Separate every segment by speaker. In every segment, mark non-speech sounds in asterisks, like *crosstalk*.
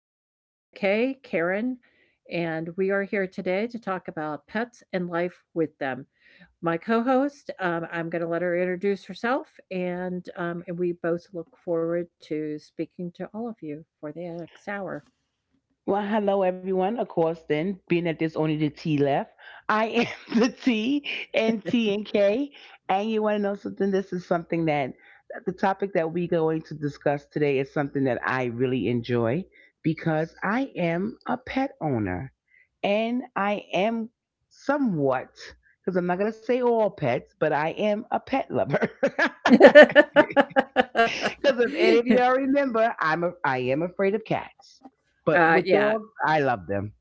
Speaker 1: I am the K, Karen, and we are here today to talk about pets and life with them. My co host, I'm going to let her introduce herself, and we both look forward to speaking to all of you for the next hour.
Speaker 2: Well, hello everyone. Of course, then being that there's only the T left, I am *laughs* the T and T and K. And you want to know something? This is something that the topic that we're going to discuss today is something that I really enjoy because I am a pet owner and I am somewhat because I'm not gonna say all pets, but I am a pet lover. *laughs* *laughs* Because if any of y'all
Speaker 1: *laughs*
Speaker 2: remember, I am afraid of cats, but with
Speaker 1: Yeah.
Speaker 2: dogs, I love them.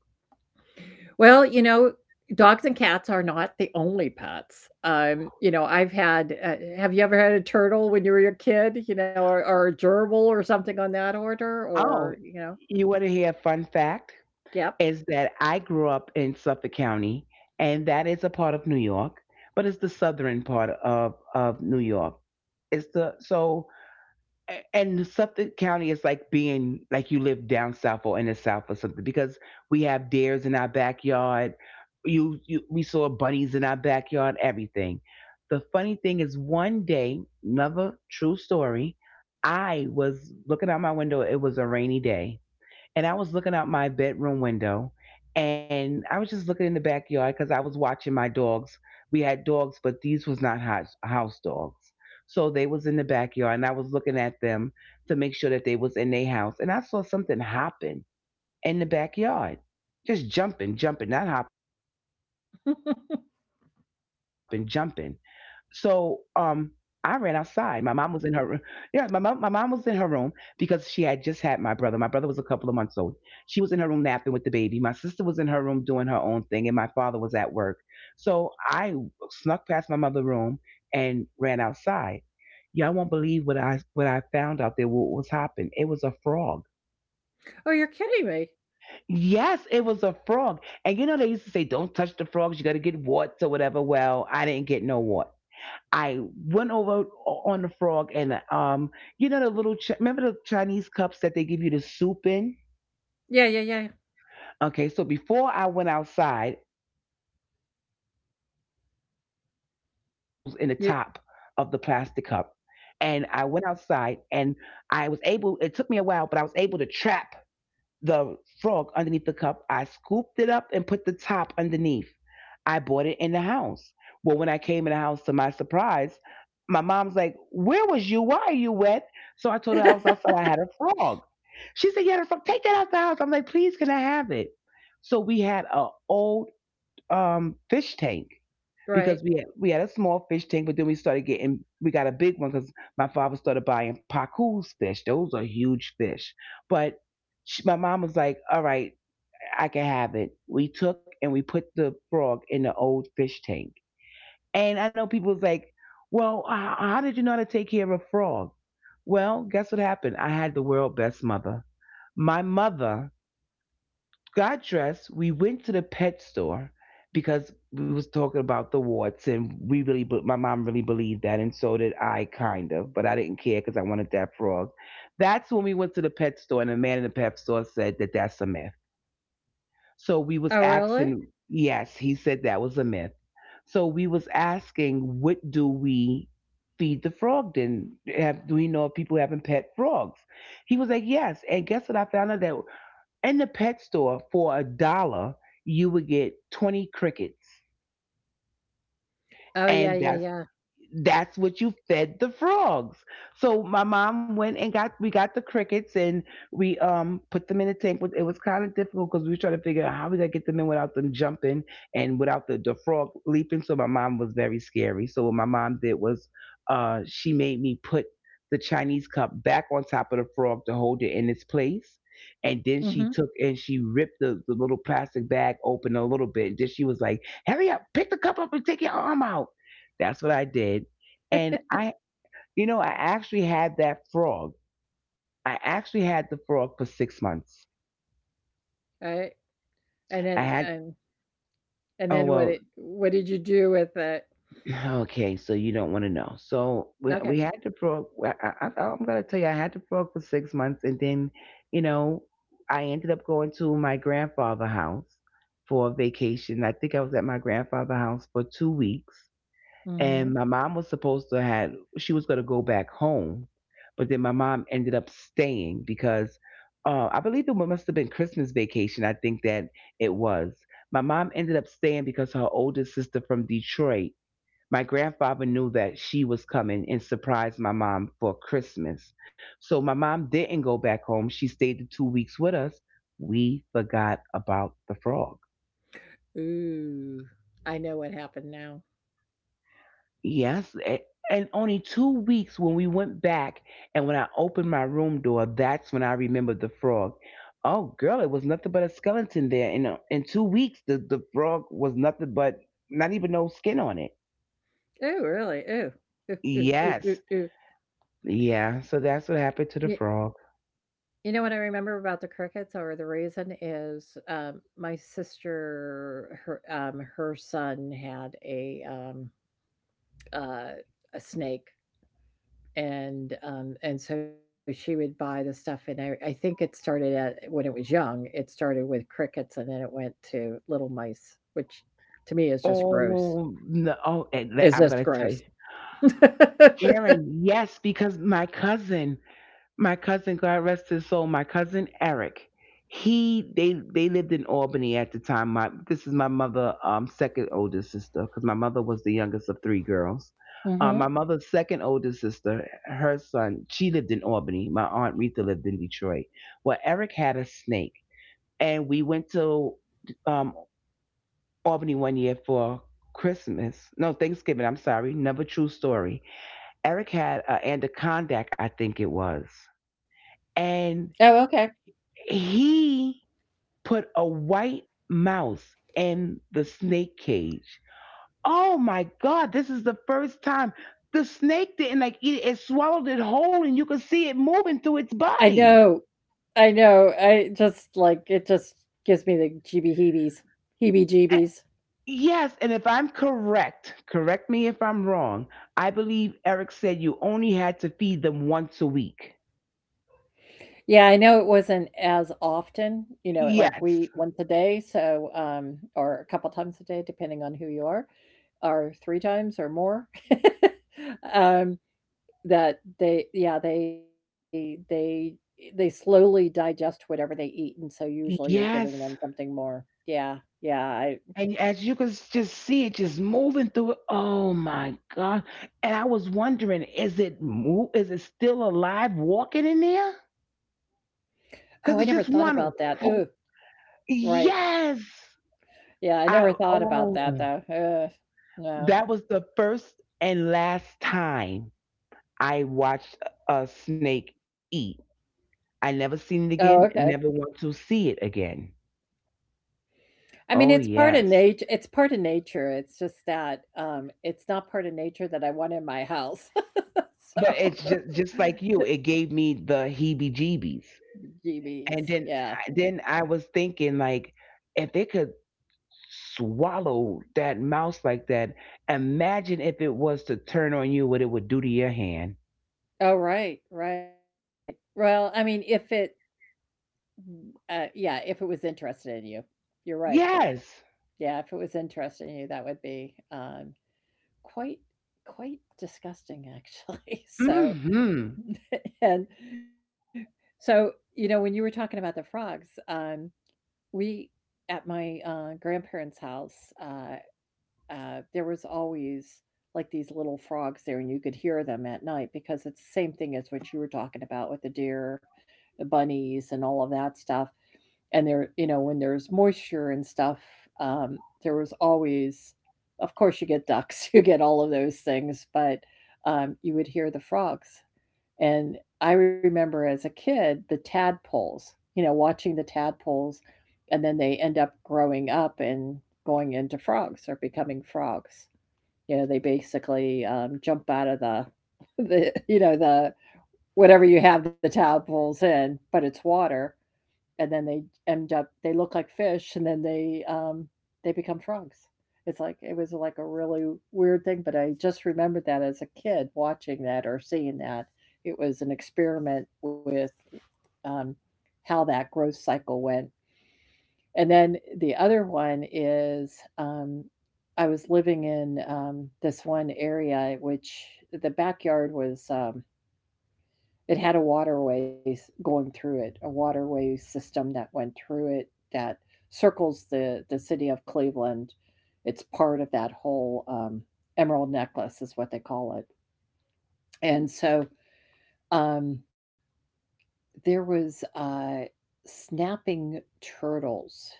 Speaker 1: Well, you know, dogs and cats are not the only pets. I've had have you ever had a turtle when you were a kid, you know, or a gerbil or something on that order
Speaker 2: Oh,
Speaker 1: or, you know.
Speaker 2: you want to hear a fun fact?
Speaker 1: Yep.
Speaker 2: Is that I grew up in Suffolk County, and that is a part of New York, but it's the southern part of New York. It's the so And Suffolk County is like being like you live down south or in the south or something because we have deers in our backyard. You we saw bunnies in our backyard, everything. The funny thing is, one day, another true story. I was looking out my window. It was a rainy day, and I was looking out my bedroom window and I was just looking in the backyard because I was watching my dogs. We had dogs, but these was not house dogs. So they was in the backyard and I was looking at them to make sure that they was in their house. And I saw something hopping in the backyard, just jumping, not hopping, jumping. So I ran outside. My mom was in her room. Yeah, my mom was in her room because she had just had my brother. My brother was a couple of months old. She was in her room napping with the baby. My sister was in her room doing her own thing and my father was at work. So I snuck past my mother's room and ran outside. Y'all won't believe what I found out there what was happening. It was a frog.
Speaker 1: Oh, you're kidding me.
Speaker 2: Yes, it was a frog. And you know, they used to say, don't touch the frogs. You got to get warts or whatever. Well, I didn't get no wart. I went over on the frog and, you know, the little, remember the Chinese cups that they give you the soup in?
Speaker 1: Yeah, yeah,
Speaker 2: Okay. So before I went outside, I poked holes in the top of the plastic cup and
Speaker 1: yeah.
Speaker 2: I went outside and I was able, it took me a while, but I was able to trap the frog underneath the cup. I scooped it up and put the top underneath. I bought it in the house. Well, when I came in the house, to my surprise, my mom's like, "Where was you? Why are you wet?" So I told her
Speaker 1: You,
Speaker 2: I was outside. I had a frog. She said, "You had a frog. Take that out the house." I'm like, "Please, can I have it?" So we had a old fish tank
Speaker 1: *laughs*
Speaker 2: because
Speaker 1: right.
Speaker 2: we had a small fish tank, but then we started getting, we got a big one because my father started buying paku's fish. Those are huge fish. But my mom was like, "All right, I could have it." We took and we put the frog in the old fish tank. And I know people was like, well, how did you know how to take care of a frog? Well, guess what happened? I had the world best mother. My mother got dressed. We went to the pet store because we was talking about the warts and we really, my mom really believed that. And so did I kind of, but I didn't care because I wanted that frog. That's when we went to the pet store and the man in the pet store said that that's a myth. So we was
Speaker 1: Oh, really?
Speaker 2: asking, yes, he said that was a myth. So we was asking, what do we feed the frog then? Do we know if people having pet frogs? He was like, yes. And guess what? I found out that in the pet store for a dollar, you would get 20 crickets.
Speaker 1: Oh, yeah,
Speaker 2: And
Speaker 1: yeah, yeah.
Speaker 2: that's what you fed the frogs. So my mom went and got we got the crickets and we put them in a tank. It was kind of difficult because we were trying to figure out how we gonna get them in without them jumping and without the frog leaping. So my mom was very scary. So what my mom did was she made me put the Chinese cup back on top of the frog to hold it in its place. And then
Speaker 1: Mhm.
Speaker 2: she took and she ripped the little plastic bag open a little bit. Then she was like, "Hurry up, pick the cup up and take your arm out." That's what I did. And
Speaker 1: *laughs*
Speaker 2: I, you know, I actually had that frog. I actually had the frog for 6 months.
Speaker 1: Right. And then
Speaker 2: I had,
Speaker 1: and and
Speaker 2: oh,
Speaker 1: then
Speaker 2: well,
Speaker 1: what did you do with it?
Speaker 2: *sighs* okay, so you don't want to know. So
Speaker 1: Okay.
Speaker 2: we had the frog. I'm going to tell you, I had the frog for 6 months. And then, you know, I ended up going to my grandfather's house for a vacation. I think I was at my grandfather's house for 2 weeks and
Speaker 1: Mm-hmm.
Speaker 2: my mom was supposed to had she was going to go back home but then my mom ended up staying because I believe it must have been Christmas vacation. I think that it was My mom ended up staying because her oldest sister from Detroit, my grandfather knew that she was coming and surprised my mom for Christmas. So my mom didn't go back home, she stayed the 2 weeks with us. We forgot about the frog.
Speaker 1: Ooh, I know what happened now.
Speaker 2: Yes, and only 2 weeks when we went back and when I opened my room door, that's when I remembered the frog. Oh, girl, it was nothing but a skeleton there. In 2 weeks, the frog was nothing but not even no skin on it.
Speaker 1: Ooh, really? Ooh. Ooh, ooh, ooh, ooh,
Speaker 2: Yes.
Speaker 1: ooh.
Speaker 2: Yeah, so that's what
Speaker 1: Y-
Speaker 2: happened to the frog.
Speaker 1: You know what I remember about the crickets, or the reason is my sister, her son had uh, a snake, and so she would buy the stuff, and I think it started at when it was young. It started with crickets, and then it went to little mice, which to me is just gross.
Speaker 2: Oh, no. Oh, and
Speaker 1: It's
Speaker 2: I'm going
Speaker 1: just
Speaker 2: to tell
Speaker 1: gross.
Speaker 2: you.
Speaker 1: *laughs*
Speaker 2: Karen, yes, because my cousin, God rest his soul, my cousin Eric. He they lived in Albany at the time. My this is my mother second oldest sister because my mother was the youngest of three girls. My
Speaker 1: Mhm.
Speaker 2: mother's second oldest sister, her son, she lived in Albany. My aunt Rita lived in Detroit. Well, Eric had a snake, and we went to um Albany one year for Christmas. No, Thanksgiving. I'm sorry. Never true story. Eric had an anaconda, I think it was, and
Speaker 1: Oh, okay.
Speaker 2: he put a white mouse in the snake cage. Oh my God, this is the first time the snake didn't like eat it. It swallowed it whole and you could see it moving through its
Speaker 1: I
Speaker 2: body.
Speaker 1: know. I know. I just like it just gives me the jeebie heebies. Heebie
Speaker 2: A-
Speaker 1: jeebies.
Speaker 2: Yes, and if I'm correct, correct me if I'm wrong, I believe Eric said you only had to feed them once a week.
Speaker 1: Yeah, I know it wasn't as often, you know, like
Speaker 2: Yes.
Speaker 1: we once a day, so or a couple times a day, depending on who you are, or three times or more. *laughs* um that they. Yeah, they slowly digest whatever they eat and so usually you're
Speaker 2: Yes.
Speaker 1: giving them something more. Yeah.
Speaker 2: And
Speaker 1: Yeah,
Speaker 2: as you could just see it just moving through it, oh my God. And I was wondering, is it still alive walking in there?
Speaker 1: oh, I never
Speaker 2: Because it's
Speaker 1: thought
Speaker 2: just
Speaker 1: about
Speaker 2: one.
Speaker 1: that. Ooh, right.
Speaker 2: Yes.
Speaker 1: Yeah, I
Speaker 2: I
Speaker 1: never thought about that
Speaker 2: oh
Speaker 1: though. Ugh, no.
Speaker 2: that was the first and last time I watched a snake eat. I never seen it
Speaker 1: Oh,
Speaker 2: again,
Speaker 1: okay.
Speaker 2: never want to see it again.
Speaker 1: I mean,
Speaker 2: Oh
Speaker 1: it's part of
Speaker 2: yes.
Speaker 1: nature. It's part of nature. It's just that it's not part of nature that I want in my house. *laughs*
Speaker 2: But it's
Speaker 1: So.
Speaker 2: just like you, it gave me the heebie jeebies.
Speaker 1: *laughs* GBs.
Speaker 2: And
Speaker 1: Yeah, yeah.
Speaker 2: then I was thinking like if they could swallow that mouse like that, imagine if it was to turn on you what it would do to your hand.
Speaker 1: Oh, right, right. Well, I mean, if it, mm, yeah, if it was interested in you, you're right.
Speaker 2: Yes.
Speaker 1: Yeah, if it was interested in you, that would be Quite quite disgusting, actually. *laughs* So.
Speaker 2: Mhm.
Speaker 1: *laughs* And so, you know, when you were talking about the frogs, we at my, grandparents' house, there was always like these little frogs there, and you could hear them at night because it's the same thing as what you were talking about with the deer, the bunnies, and all of that stuff. And there, when there's moisture and stuff, there was always, of course, you get ducks, *laughs* you get all of those things, but you would hear the frogs. And I remember as a kid the tadpoles, watching the tadpoles and then they end up growing up and going into frogs or becoming frogs. They basically jump out of the, *laughs* the whatever you have the tadpoles in, but it's water, and then they end up they look like fish, and then they become frogs. It's like it was like a really weird thing, but I just remembered that as a kid watching that or seeing that it was an experiment with um, how that growth cycle went and then the other one is um, I was living in this one area which the backyard was it had a waterway going through it, a waterway system that went through it that circles the city of Cleveland. It's part of that whole Emerald Necklace is what they call it. And so um, there was snapping turtles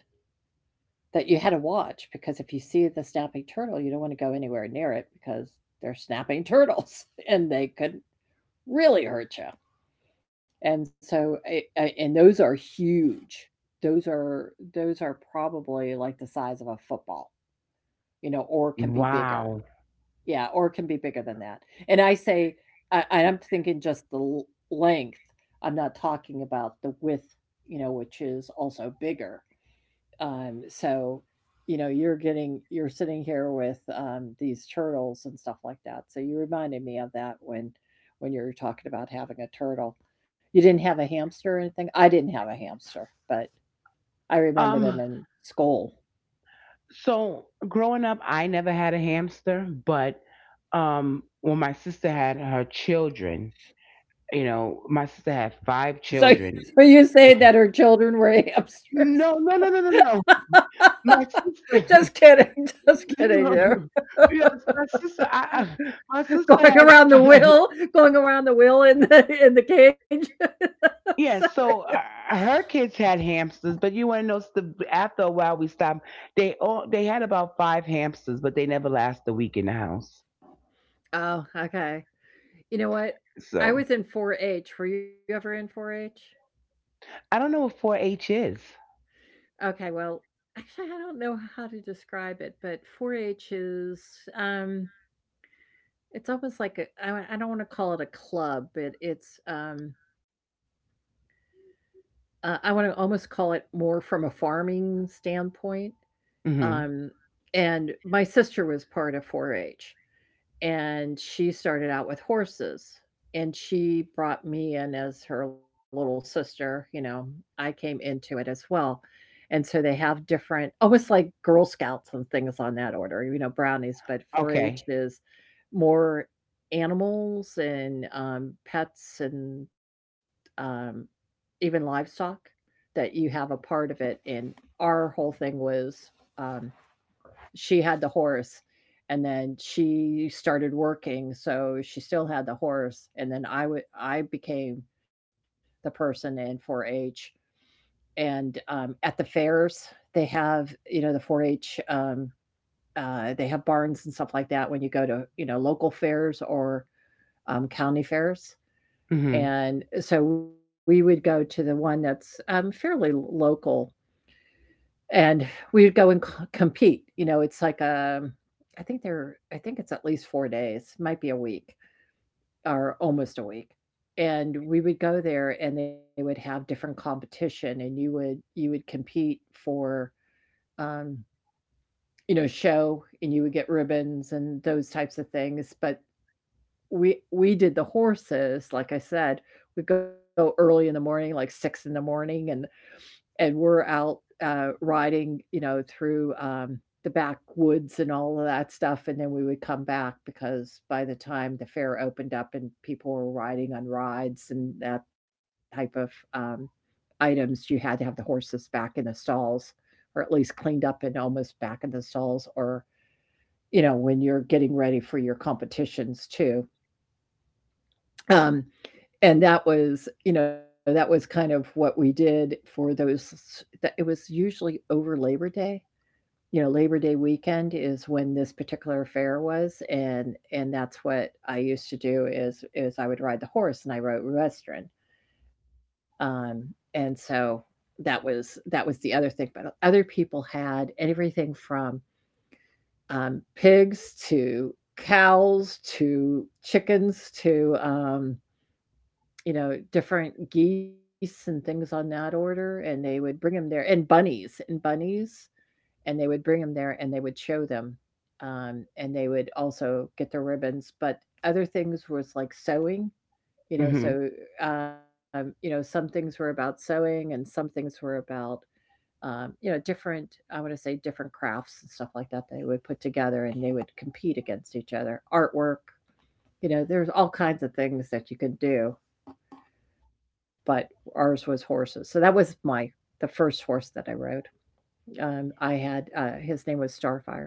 Speaker 1: that you had to watch because if you see the snapping turtle, you don't wanna go anywhere near it because they're snapping *laughs* turtles and they could really hurt you. And so and those are huge. Those are probably like the size of a football, you know, or can be bigger.
Speaker 2: Wow.
Speaker 1: Yeah, or can be bigger than that. And I say I I'm thinking just the l length. I'm not talking about the width, which is also bigger. So, you're sitting here with these turtles and stuff like that. So you reminded me of that when you were talking about having a turtle. You didn't have a hamster or anything. I didn't have a hamster, but I remember
Speaker 2: Um
Speaker 1: them in school.
Speaker 2: so growing up I never had a hamster, but when my sister had her children, you know, my sister had five
Speaker 1: So, *laughs*
Speaker 2: children.
Speaker 1: so you say that her children were hamsters?
Speaker 2: No, no, no, no, no, no.
Speaker 1: *laughs*
Speaker 2: My sister
Speaker 1: Just kidding, just
Speaker 2: No.
Speaker 1: kidding. You
Speaker 2: *laughs* Yes, my sister. My
Speaker 1: *laughs*
Speaker 2: sister
Speaker 1: going
Speaker 2: had.
Speaker 1: around the wheel, going around the wheel in the cage. *laughs*
Speaker 2: *laughs*
Speaker 1: So-
Speaker 2: Yeah, so her kids had hamsters, but you want to know? After a while, we stopped. They had about five hamsters, but they never last a week in the house.
Speaker 1: oh, okay. You know what? I
Speaker 2: So
Speaker 1: was in four-H. Were you ever in 4-H?
Speaker 2: I don't know what 4-H is.
Speaker 1: Okay, well, *laughs* actually, I don't know how to describe it, but 4-H is, um, it's almost like a I don't wanna call it a club, but I wanna almost call it more from a farming standpoint,
Speaker 2: Hmm.
Speaker 1: um, and my sister was part of 4-H. And she started out with horses and she brought me in as her little sister. I came into it as well. And so they have different almost like girl scouts and things on that order, brownies, but 4-H
Speaker 2: Okay.
Speaker 1: is more animals and pets and um, even livestock that you have a part of it and our whole thing was um, she had the horse and then she started working so she still had the horse and then I became the person in 4-H and at the fairs they have the 4-H they have barns and stuff like that when you go to local fairs or county fairs
Speaker 2: Hmm.
Speaker 1: and so we would go to the one that's fairly local and we would go and c compete. You know, it's like, I think it's at least 4 days, might be a week or almost a week, and we would go there and they would have different competition and you would compete for, um, you know, show and you would get ribbons and those types of things, but we did the horses, like I said, we'd go early in the morning, like 6 in the morning, and we're out, riding, through, the backwoods and all of that stuff, and then we would come back because by the time the fair opened up and people were riding on rides and that type of, items, you had to have the horses back in the stalls or at least cleaned up and almost back in the stalls or, you know, when you're getting ready for your competitions too. Um, and that was, you know, that was kind of what we did for those that it was usually over Labor Day. You know, Labor Day weekend is when this particular fair was, and that's what I used to do is I would ride the horse and I rode Western. Um, and so that was the other thing, but other people had everything from, pigs to cows to chickens to, different geese and things on that order, and they would bring them there and bunnies and bunnies, and they would bring them there and they would show them. And they would also get their ribbons, but other things was like sewing,
Speaker 2: Hmm.
Speaker 1: so, some things were about sewing and some things were about, different, I want to say different crafts and stuff like that they would put together and they would compete against each other, artwork, there's all kinds of things that you can do but ours was horses. So that was my the first horse that I rode. I had His name was Starfire,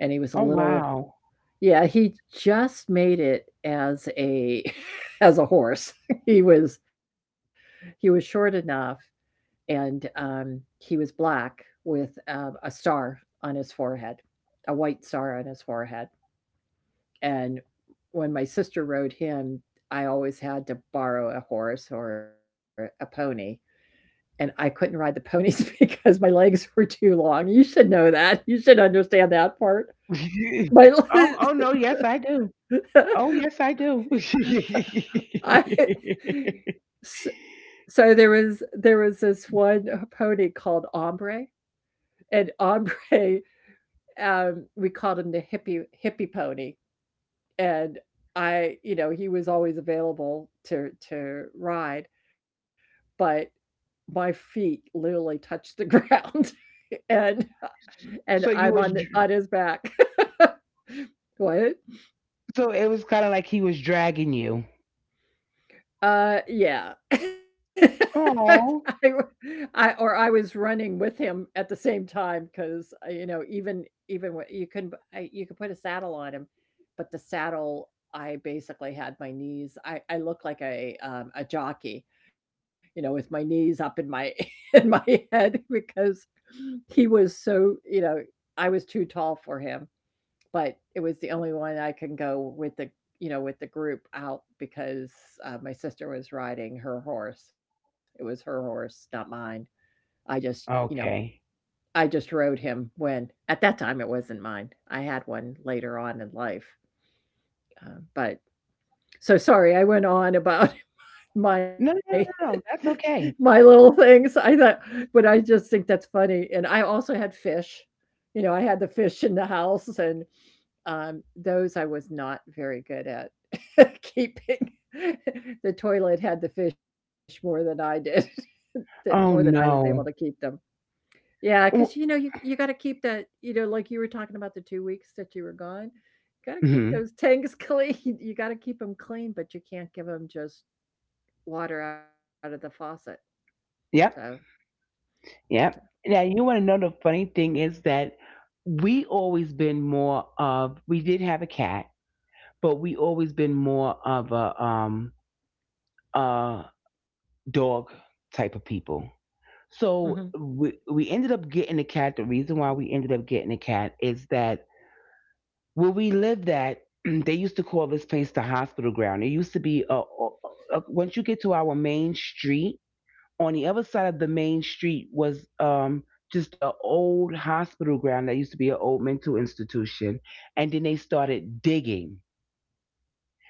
Speaker 1: and he was a
Speaker 2: Oh
Speaker 1: little
Speaker 2: wow.
Speaker 1: yeah. He just made it as a *laughs* as a horse. *laughs* he was he was short enough, and he was black with a star on his forehead, a white star on his forehead. And when my sister rode him, I always had to borrow a horse or a pony and I couldn't ride the ponies *laughs* because my legs were too long. You should know that. You should understand that part.
Speaker 2: *laughs* Oh, oh no!
Speaker 1: My
Speaker 2: Yes, I do. Oh yes, I
Speaker 1: *laughs* I,
Speaker 2: do. *laughs*
Speaker 1: so there was this one pony called Ombre and Ombre *laughs* we called him the hippie hippie pony and I he was always available to ride but my feet literally touched the ground *laughs* and and
Speaker 2: So you
Speaker 1: I'm
Speaker 2: was.
Speaker 1: on his back. *laughs* What?
Speaker 2: So it was kind of like he was dragging you.
Speaker 1: Yeah. *laughs* I,
Speaker 2: Oh,
Speaker 1: or I was running with him at the same time because you know even even wh- you can I, you could put a saddle on him, but the saddle I basically had my knees. I look like a jockey, you know, with my knees up in my *laughs* in my head because he was so I was too tall for him. But it was the only one I can go with the group out because, my sister was riding her horse. It was her horse, not mine. I just, you know,
Speaker 2: okay.
Speaker 1: I just rode him when at that time, it wasn't mine. I had one later on in life, but so sorry, I went on about *laughs* my
Speaker 2: No, no, no,
Speaker 1: *laughs*
Speaker 2: no. That's
Speaker 1: my
Speaker 2: okay.
Speaker 1: little things. I thought But I just think that's funny, and I also had fish. You know, I had the fish in the house, and those I was not very good at *laughs* keeping. *laughs* The toilet had the fish more than I did, *laughs* th more than I
Speaker 2: Oh
Speaker 1: was able to keep
Speaker 2: no.
Speaker 1: them. Yeah, because you know, you gotta keep that, like you were talking about the 2 weeks that you were gone, gotta keep
Speaker 2: Mm-hmm.
Speaker 1: those tanks *laughs* clean. You gotta keep them clean, but you can't give them just water out of the faucet. So.
Speaker 2: Yep, yep. Now you want to know the funny thing is that we always been more of we did have a cat, but we always been more of a dog type of people.
Speaker 1: Mhm.
Speaker 2: So we ended up getting a cat. The reason why we ended up getting a cat is that where we lived at, *clears throat* they used to call this place the hospital ground. It used to be once you get to our main street, on the other side of the main street was just an old hospital ground that used to be an old mental institution. And then they started digging,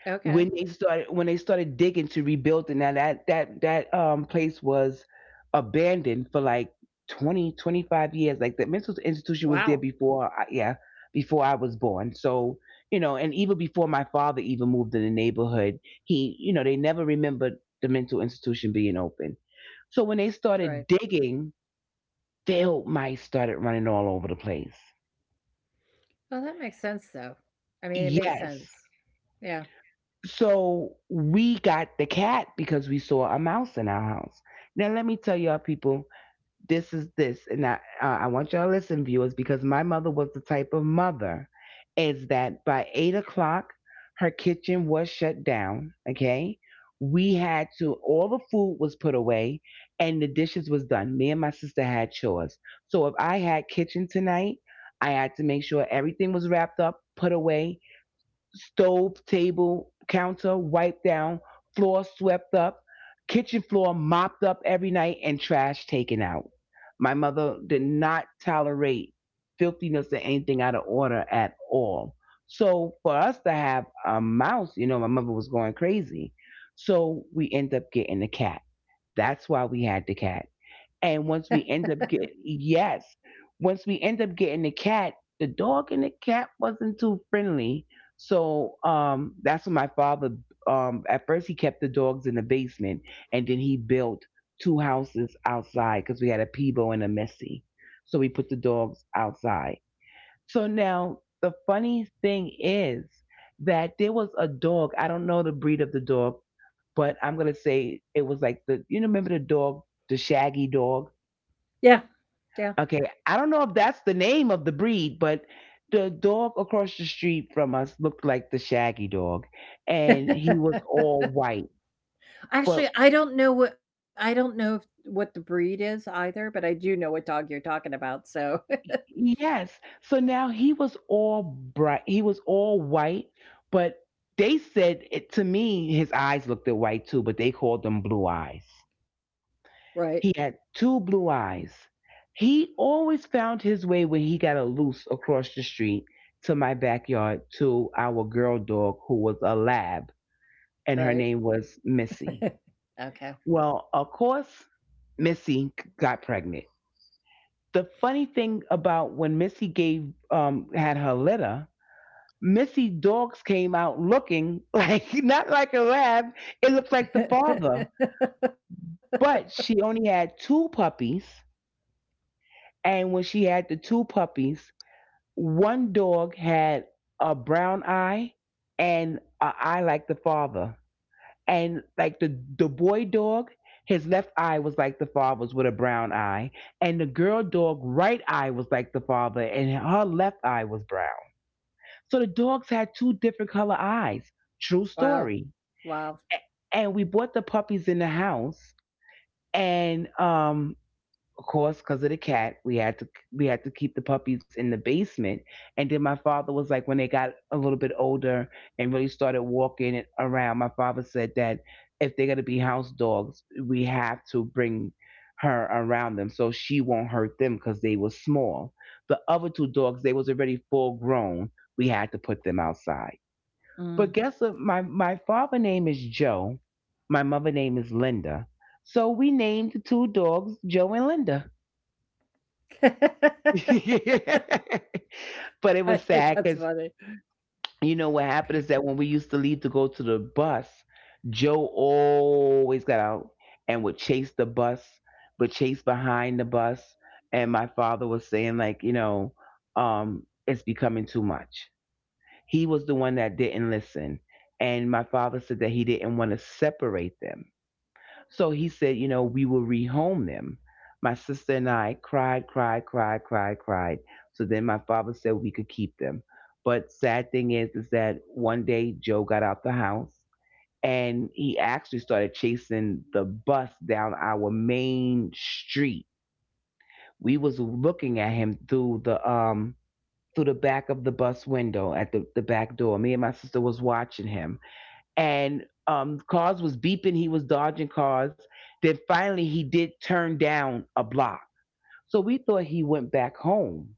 Speaker 1: Okay.
Speaker 2: when they started digging to rebuild it. Now, that place was abandoned for like 20-25 years. Like, the mental institution was there
Speaker 1: Wow.
Speaker 2: before yeah, before I was born. So, you know, and even before my father even moved in the neighborhood, he you know they never remembered the mental institution being open. So when
Speaker 1: Right.
Speaker 2: they started digging, failed mice started running all over the place.
Speaker 1: Well, that makes sense, though. I mean, it makes
Speaker 2: Yes.
Speaker 1: sense. Yeah.
Speaker 2: So we got the cat because we saw a mouse in our house. Now let me tell y'all people, this is this, and I want y'all to listen, viewers, because my mother was the type of mother — is that by 8 o'clock her kitchen was shut down. Okay, we had to — all the food was put away and the dishes was done. Me and my sister had chores, so if I had kitchen tonight, I had to make sure everything was wrapped up, put away — stove, table, counter wiped down, floor swept up, kitchen floor mopped up every night, and trash taken out. My mother did not tolerate filthiness or anything out of order at all. So for us to have a mouse, you know, my mother was going crazy. So we end up getting a cat. That's why we had the cat,
Speaker 1: *laughs*
Speaker 2: and once we end up get yes, once we end up getting the cat, the dog and the cat wasn't too friendly. So that's when my father. At first, he kept the dogs in the basement, and then he built two houses outside because we had a Peebo and a Messy. So we put the dogs outside. So now the funny thing is that there was a dog. I don't know the breed of the dog, but I'm gonna say it was like the, you know, remember the dog, the shaggy dog.
Speaker 1: Yeah. Yeah.
Speaker 2: Okay, I don't know if that's the name of the breed, but the dog across the street from us looked like the Shaggy dog, and he was
Speaker 1: *laughs*
Speaker 2: all white.
Speaker 1: Actually,
Speaker 2: But
Speaker 1: I don't know if what the breed is either, but I do know what dog you're talking about, so.
Speaker 2: yes, so now he was all bright. He was all white, but they said it — to me his eyes looked at white too — but they called them blue eyes.
Speaker 1: *laughs* Right,
Speaker 2: He had two blue eyes. He always found his way, when he got a loose, across the street to my backyard, to our girl dog who was a lab, and her
Speaker 1: right. *laughs*
Speaker 2: name was Missy.
Speaker 1: Okay. *laughs*
Speaker 2: Well, of course, Missy got pregnant. The funny thing about when Missy gave had her litter, Missy dogs came out looking *laughs* like not like a lab. It looked like the father, but she only had two puppies. And when she had the two puppies, one dog had a brown eye and an eye like the father. And like the boy dog, his left eye was like the father's with a brown eye, and the girl dog right eye was like the father and her left eye was brown. So the dogs had two different color eyes. True
Speaker 1: Wow,
Speaker 2: story.
Speaker 1: wow.
Speaker 2: A- and we bought the puppies in the house, and of course, because of the cat, we had to keep the puppies in the basement. And then my father was like, when they got a little bit older and really started walking around, my father said that if they're gonna be house dogs, we have to bring her around them so she won't hurt them because they were small. The other two dogs, they was already full grown. We had to put them outside. But guess
Speaker 1: Mm.
Speaker 2: what? My father name is Joe. My mother name is Linda. So we named the two dogs Joe and Linda.
Speaker 1: *laughs*
Speaker 2: *laughs* but it
Speaker 1: I
Speaker 2: was
Speaker 1: think
Speaker 2: sad
Speaker 1: that's
Speaker 2: because,
Speaker 1: funny.
Speaker 2: you know what happened is that when we used to leave to go to the bus, Joe always got out and would chase the bus, would chase behind the bus. And my father was saying like, you know, it's becoming too much. He was the one that didn't listen, and my father said that he didn't want to separate them, so he said, you know, we will rehome them. My sister and I cried, cried, cried, cried, cried. So then my father said we could keep them. But sad thing is that one day Joe got out the house and he actually started chasing the bus down our main street. We was looking at him through the back of the bus window, at the back door. Me and my sister was watching him, and cars was beeping. He was dodging cars. Then finally, he did turn down a block. So we thought he went back home.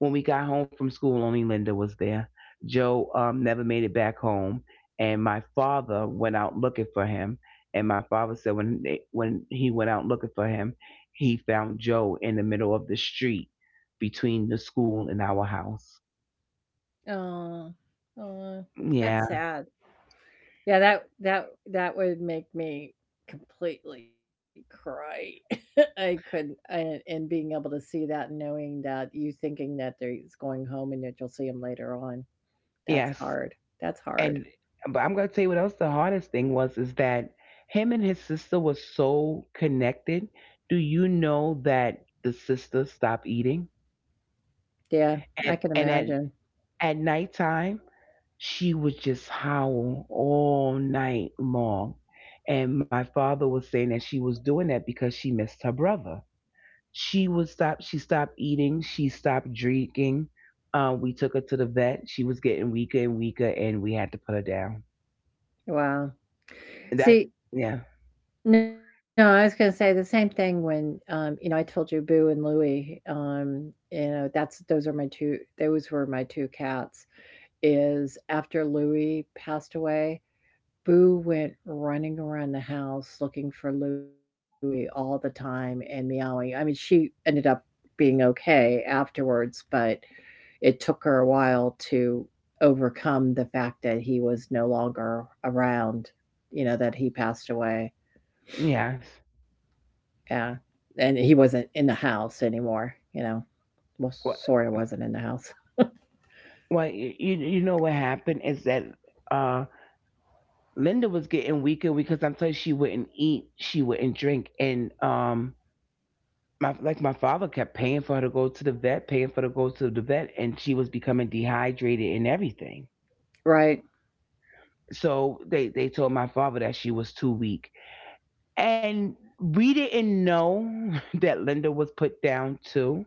Speaker 2: When we got home from school, only Linda was there. Joe never made it back home, and my father went out looking for him. And my father said when when he went out looking for him, he found Joe in the middle of the street between the school and our house.
Speaker 1: Oh, oh, that's
Speaker 2: Yeah.
Speaker 1: sad. Yeah, that would make me completely cry. *laughs* I couldn't, and being able to see that and knowing that you thinking that they're he's going home and that you'll see him later on. That's
Speaker 2: Yes.
Speaker 1: hard. That's hard.
Speaker 2: And, but I'm gonna tell you what else the hardest thing was, is that him and his sister was so connected. Do you know that the sister stopped eating?
Speaker 1: Yeah, I
Speaker 2: And
Speaker 1: can
Speaker 2: and at
Speaker 1: imagine.
Speaker 2: at nighttime she would just howl all night long. And my father was saying that she was doing that because she missed her brother. She stopped eating, she stopped drinking. We took her to the vet. She was getting weaker and weaker, and we had to put her down.
Speaker 1: Wow.
Speaker 2: That
Speaker 1: See,
Speaker 2: Yeah.
Speaker 1: no, I was gonna say the same thing when, you know, I told you Boo and Louie, you know, that's those are my two those were my two cats. Is after Louie passed away, Boo went running around the house looking for Louie all the time and meowing. I mean, she ended up being okay afterwards, but it took her a while to overcome the fact that he was no longer around, you know, that he passed away.
Speaker 2: Yes.
Speaker 1: Yeah. And he wasn't in the house anymore, you know. Well,
Speaker 2: Well,
Speaker 1: sort of wasn't in the house. *laughs*
Speaker 2: well, you know what happened is that uh, Linda was getting weaker because, I'm told, she wouldn't eat, she wouldn't drink. And, my, like, my father kept paying for her to go to the vet, paying for her to go to the vet, and she was becoming dehydrated and everything.
Speaker 1: Right.
Speaker 2: So they told my father that she was too weak. And we didn't know *laughs* that Linda was put down too.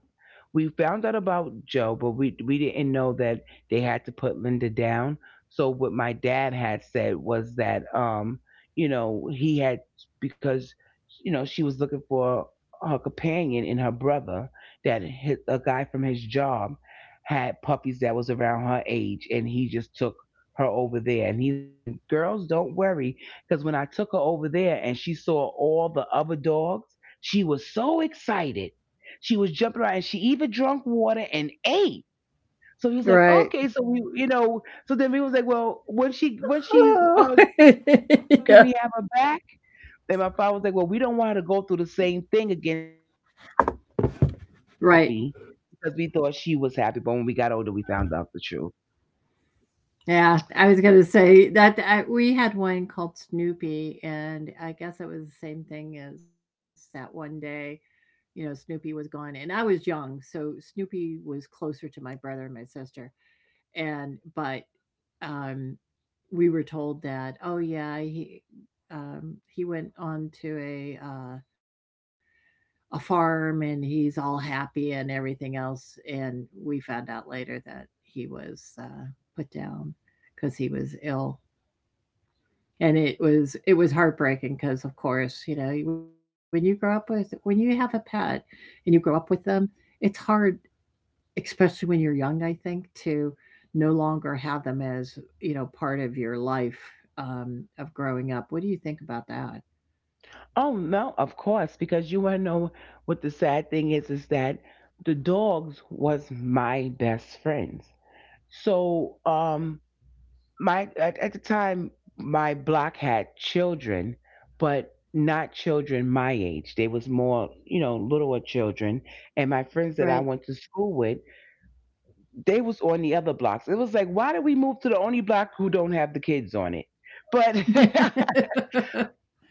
Speaker 2: We found out about Joe, but we didn't know that they had to put Linda down. So what my dad had said was that, you know, he had — because, you know, she was looking for her companion in her brother — that a guy from his job had puppies that was around her age, and he just took her over there, and he's like, "And girls, don't worry, because when I took her over there and she saw all the other dogs, she was so excited. She was jumping around and she even drank water and ate." So he was like,
Speaker 1: Right.
Speaker 2: okay. So we, you know, so then we was like, well, when she when she
Speaker 1: Oh.
Speaker 2: uh,
Speaker 1: *laughs*
Speaker 2: start eating stuff, can
Speaker 1: yeah.
Speaker 2: we have her back? And my father was like, well, we don't want her to go through the same thing again. So if she's happy, so we was
Speaker 1: Right.
Speaker 2: happy, because we thought she was happy. But when we got older, we found out the truth.
Speaker 1: Yeah, I was gonna say that, we had one called Snoopy, and I guess it was the same thing as that one day. You know, Snoopy was gone, and I was young, so Snoopy was closer to my brother and my sister. And but um, we were told that, oh yeah, he went on to a farm, and he's all happy and everything else. And we found out later that he was, put down because he was ill. And it was heartbreaking because, of course, when you grow up with when you have a pet and you grow up with them, it's hard, especially when you're young. I think to no longer have them as, part of your life, of growing up. What do you think about that?
Speaker 2: Oh no, of course, because you want to know what the sad thing is that the dogs was my best friends. So at the time my block had children, but not children my age. They was more, you know, littler children. And my
Speaker 1: Right.
Speaker 2: friends that I went to school with, they was on the other blocks. It was like, why did we move to the only block who don't have the kids on it? But *laughs*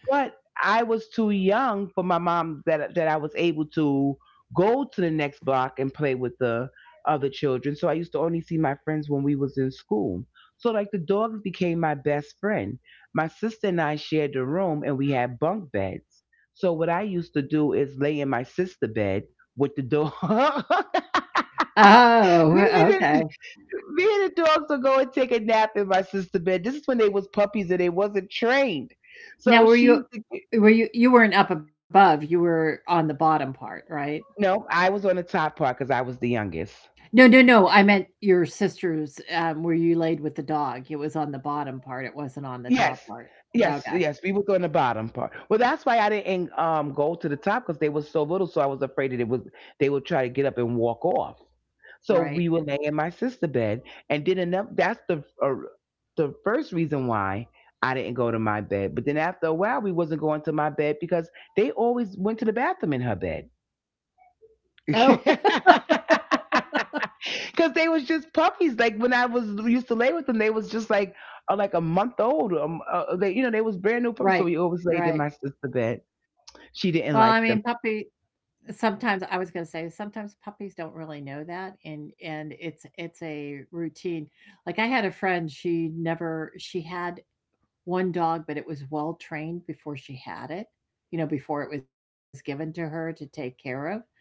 Speaker 2: but I was too young for my mom, that I was able to go to the next block and play with the other children. So I used to only see my friends when we was in school. So like, the dogs became my best friend. My sister and I shared the room and we had bunk beds. So what I used to do is lay in my sister bed with the dog. *laughs*
Speaker 1: *laughs*
Speaker 2: me, and
Speaker 1: Oh,
Speaker 2: the,
Speaker 1: okay.
Speaker 2: Me and the dogs would go and take a nap in my sister bed. This is when they was puppies and they wasn't trained.
Speaker 1: Now,
Speaker 2: So she used to —
Speaker 1: were you you weren't up above, you were on the bottom part, right?
Speaker 2: No, I was on the top part because I was the youngest.
Speaker 1: No, no, no. I meant your sister's, where you laid with the dog. It was on the bottom part. It wasn't on the top
Speaker 2: Yes,
Speaker 1: part.
Speaker 2: yes,
Speaker 1: Okay.
Speaker 2: yes. We was on the bottom part. Well, that's why I didn't go to the top, because they was so little. So I was afraid that it was they would try to get up and walk off. So
Speaker 1: Right.
Speaker 2: we would lay in my sister bed, and did enough. That's the first reason why I didn't go to my bed. But then after a while, we wasn't going to my bed because they always went to the bathroom in her bed.
Speaker 1: Oh.
Speaker 2: *laughs* Because they was just puppies. Like when I was used to lay with them, they was just like a month old. They you know they was brand new
Speaker 1: *laughs*
Speaker 2: puppies. So
Speaker 1: Right.
Speaker 2: we always laid in
Speaker 1: Right.
Speaker 2: my sister's bed.
Speaker 1: Well, I
Speaker 2: She
Speaker 1: mean,
Speaker 2: didn't like them.
Speaker 1: puppy sometimes, I was going to say, sometimes puppies don't really know that, and it's a routine. Like I had a friend, she never she had one dog, but it was well trained before she had it, before it was given to her to take care of.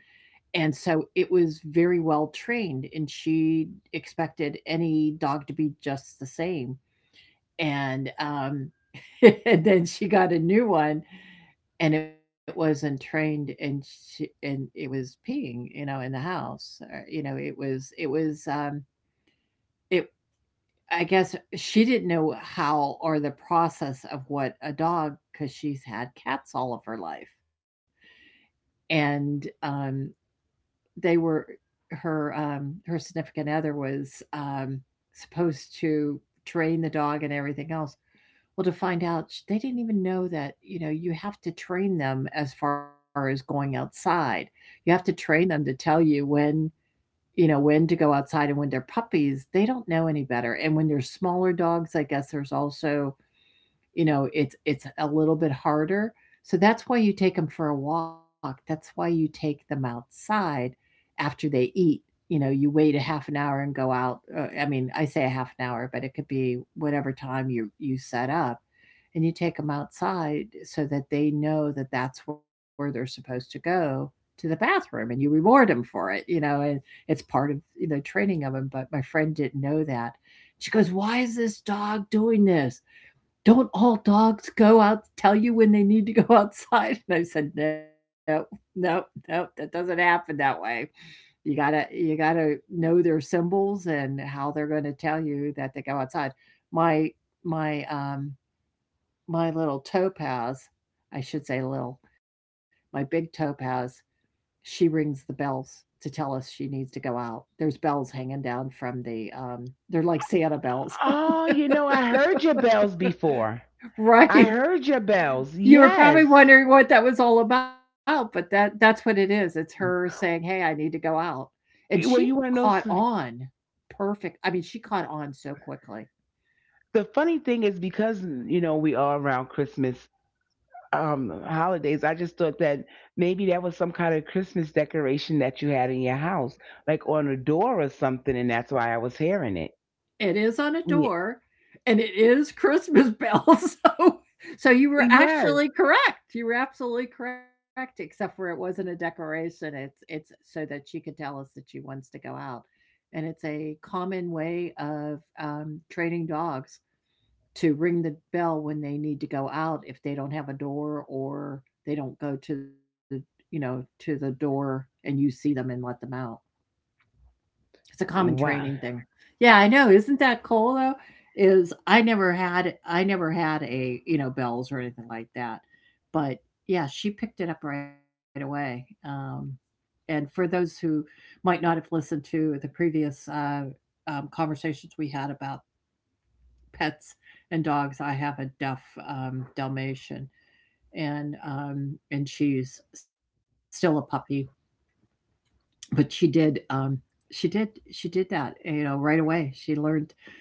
Speaker 1: And so it was very well trained, and she expected any dog to be just the same. And *laughs* And then she got a new one, and it wasn't trained, and she and it was peeing, you know, in the house. Or, you know, it was it I guess she didn't know how, or the process of what a dog, because she's had cats all of her life, and they were her, her significant other was, supposed to train the dog and everything else. Well, to find out, they didn't even know that, you have to train them as far as going outside. You have to train them to tell you when, when to go outside, and when they're puppies, they don't know any better. And when they're smaller dogs, I guess there's also, it's a little bit harder, so that's why you take them for a walk, that's why you take them outside after they eat. You know you wait a half an hour and go out. I mean, I say a half an hour, but it could be whatever time you set up, and you take them outside so that they know that that's where they're supposed to go to the bathroom, and you reward them for it, and it's part of, training of them. But my friend didn't know that. She goes, why is this dog doing this? "Don't all dogs go out, tell you when they need to go *laughs* outside?" And I said, "No, no, no, that doesn't happen that way. You gotta know their symbols and how they're going to tell you that they go outside." My, my, um, my little topaz, I should say little, my big topaz, she rings the bells to tell us she needs to go out. There's bells hanging down from they're like Santa bells,
Speaker 2: Oh, you know I heard your bells before.
Speaker 1: *laughs*
Speaker 2: I
Speaker 1: right?
Speaker 2: heard your bells.
Speaker 1: You were probably
Speaker 2: Yes.
Speaker 1: wondering what that was all about, but that's what it is. It's her saying, "Hey, I need to go out." And she
Speaker 2: Well, you want to
Speaker 1: caught
Speaker 2: know s-
Speaker 1: on perfect. I mean, she caught on so quickly.
Speaker 2: the funny thing is because you know we are around Christmas holidays. I just thought that maybe that was some kind of Christmas decoration that you had in your house, like on a door or something, and that's why I was hearing it.
Speaker 1: It is on a door, and it is Christmas bells. *laughs* So you were
Speaker 2: Yes.
Speaker 1: actually correct. You were absolutely correct, except for it wasn't a decoration. It's so that she could tell us that she wants to go out. And it's a common way of, training dogs to ring the bell when they need to go out if they don't have a door, or they don't go to the door and you see them and let them out. It's a common
Speaker 2: Wow.
Speaker 1: training thing. Yeah, I know. Isn't that cool, though? Is I never had bells or anything like that. But yeah, she picked it up right away. And for those who might not have listened to the previous, conversations we had about pets and dogs. I have a deaf Dalmatian, and she's still a puppy, but she did she did that, right away. She learned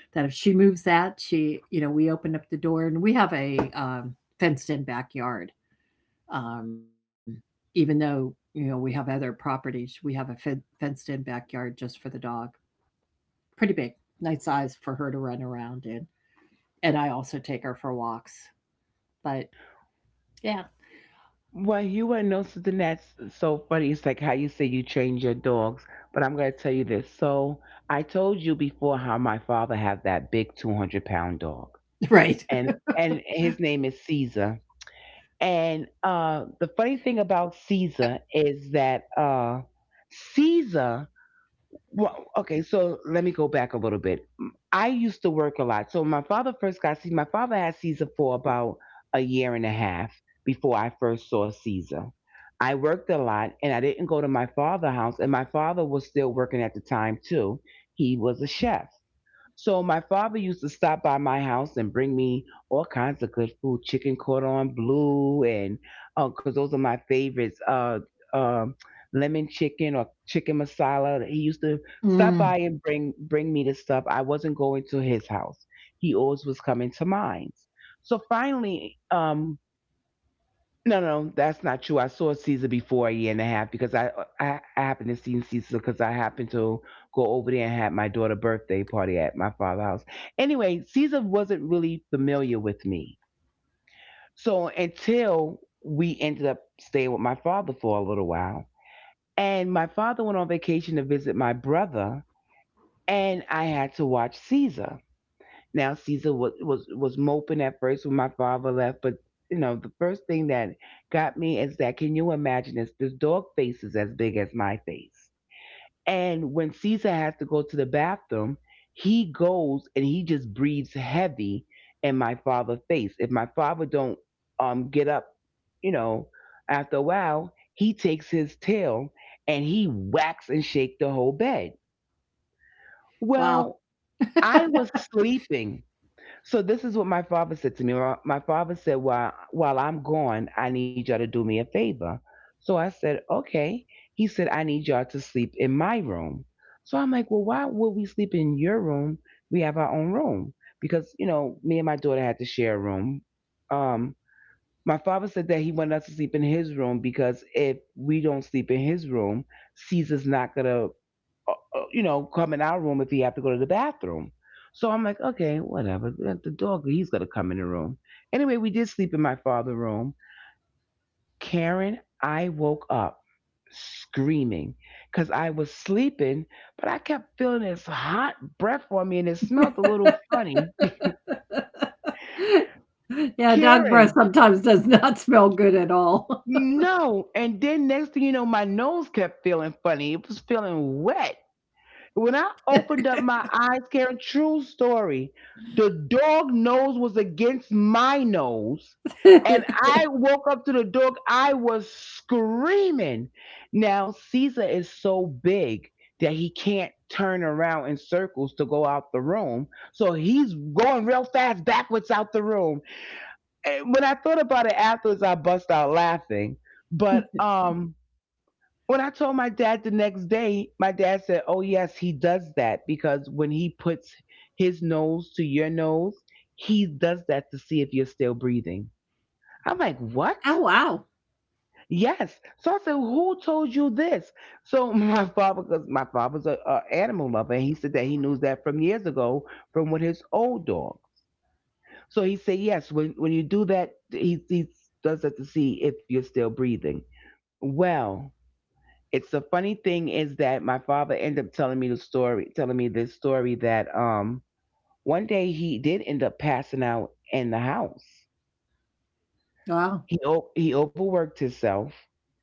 Speaker 1: that if she moves that, she you know we opened up the door, and we have a fenced in backyard. Um, even though, we have other properties, we have a fenced in backyard just for the dog. Pretty big, nice size for her to run around in. And I also take her for walks. But yeah.
Speaker 2: Well, you wouldn't know something that's so funny. It's like how you say you train your dogs, but I'm going to tell you this. So I told you before how my father had that big 200-pound dog,
Speaker 1: Right.
Speaker 2: and and his name is Caesar. And the funny thing about Caesar is that Caesar well, okay, so let me go back a little bit. I used to work a lot. So my father first got Caesar. My father had Caesar for about a year and a half before I first saw Caesar. I worked a lot and I didn't go to my father's house, and my father was still working at the time too. He was a chef. So my father used to stop by my house and bring me all kinds of good food, chicken cordon bleu, and because those are my favorites, um, lemon chicken or chicken masala. He used to stop
Speaker 1: Mm,
Speaker 2: by and bring me the stuff. I wasn't going to his house; he always was coming to mine. So finally, no, no, that's not true. I saw Caesar before a year and a half because I happened to see Caesar because I happened to go over there and have my daughter's birthday party at my father's house. Anyway, Caesar wasn't really familiar with me, so until we ended up staying with my father for a little while, and my father went on vacation to visit my brother, and I had to watch Caesar. Now Caesar was moping at first when my father left, but you know the first thing that got me is that can you imagine this? This dog face is as big as my face, and when Caesar has to go to the bathroom, he goes and he just breathes heavy in my father's face. If my father don't get up, you know, after a while, he takes his tail and he whacks and shake the whole bed.
Speaker 1: wow.
Speaker 2: Well, I
Speaker 1: *laughs*
Speaker 2: was sleeping. So this is what my father said to me. My father said, "While I'm gone, I need y'all to do me a favor." So I said, "Okay." He said, "I need y'all to sleep in my room." So I'm like, "Well, why would we sleep in your room? We have our own room because you know me and my daughter had to share a room." Um, my father said that he wanted us to sleep in his room because if we don't sleep in his room, Caesar's not gonna come in our room if he have to go to the bathroom. So I'm like, okay, whatever. The dog, he's gonna come in the room. Anyway, we did sleep in my father's room. Karen, I woke up screaming because I was sleeping, but I kept feeling this hot breath on me and it smelled a little funny.
Speaker 1: Yeah, dog breath
Speaker 2: Karen,
Speaker 1: sometimes does *laughs* not smell good at all.
Speaker 2: no. And then next thing you know, my nose kept feeling funny. It was feeling wet. When I opened up my eyes, Karen, true story, the dog nose was against my nose. And
Speaker 1: *laughs*
Speaker 2: I woke up to the dog. I was screaming. Now, Caesar is so big that he can't turn around in circles to go out the room. So he's going real fast backwards out the room. And when I thought about it afterwards, I bust out laughing. But when I told my dad the next day, my dad said, "Oh, yes, he does that because when he puts his nose to your nose, he does that to see if you're still breathing." I'm like, "What?"
Speaker 1: Oh wow.
Speaker 2: Yes. So I said, "Who told you this?" So *laughs* my father, because my father's a animal lover, and he said that he knew that from years ago from with his old dog. So he said, "Yes, when you do that, he does that to see if you're still breathing." Well, it's the funny thing is that my father ended up telling me this story that one day he did end up passing out in the house.
Speaker 1: Wow.
Speaker 2: He overworked himself,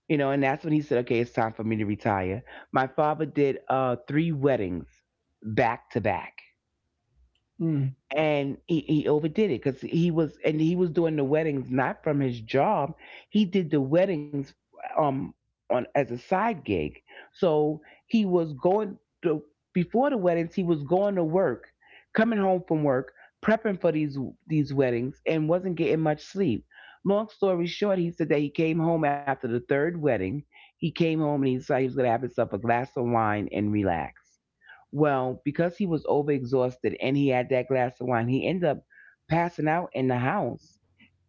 Speaker 2: and that's when he said, "Okay, it's time for me to retire." My father did three weddings back to back,
Speaker 1: Mm.
Speaker 2: and he overdid it because he was doing the weddings not from his job. He did the weddings um on as a side gig. So he was going to before the weddings, he was going to work, coming home from work, prepping for these weddings and wasn't getting much sleep. Long story short, he said that he came home after the third wedding. He came home and he decided he was going to have himself a glass of wine and relax. Well, because he was overexhausted and he had that glass of wine, he ended up passing out in the house.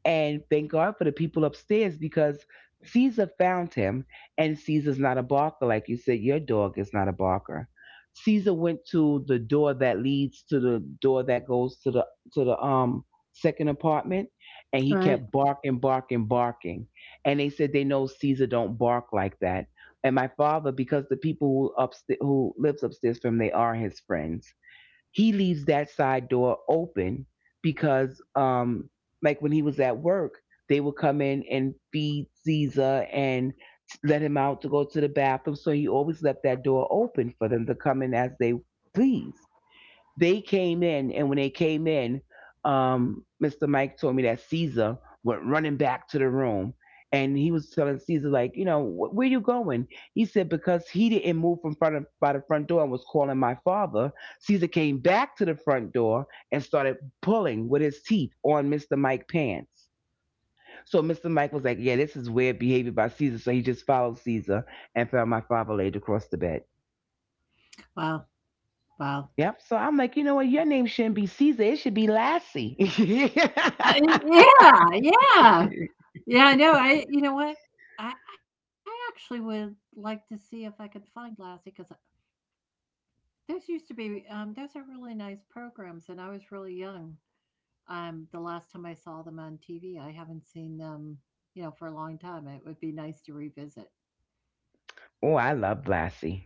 Speaker 2: And thank God for the people upstairs because Caesar found him, and Caesar's not a barker, like you said. Your dog is not a barker. Caesar went to the door that leads to the door that goes to the to the um second apartment, and he
Speaker 1: All right.
Speaker 2: kept barking, barking, barking. And they said they know Caesar don't bark like that. And my father, because the people who upstairs who lives upstairs from, they are his friends. He leaves that side door open because like when he was at work, they would come in and feed Caesar and let him out to go to the bathroom, so he always left that door open for them to come in as they please. They came in, and when they came in, Mr. Mike told me that Caesar went running back to the room, and he was telling Caesar like, where you going?" He said because he didn't move from front of, by the front door and was calling my father. Caesar came back to the front door and started pulling with his teeth on Mr. Mike pants. So Mr. Mike was like, yeah, this is weird behavior by Caesar. So he just followed Caesar and found my father laid across the bed.
Speaker 1: Wow. Wow.
Speaker 2: Yep. So I'm like, you know what? Your name shouldn't be Caesar. It should be Lassie. *laughs*
Speaker 1: Yeah, yeah. Yeah, I know. I you know what? I actually would like to see if I could find Lassie because those used to be those are really nice programs, and I was really young. The last time I saw them on TV, I haven't seen them, for a long time. It would be nice to revisit.
Speaker 2: Oh, I loved Lassie.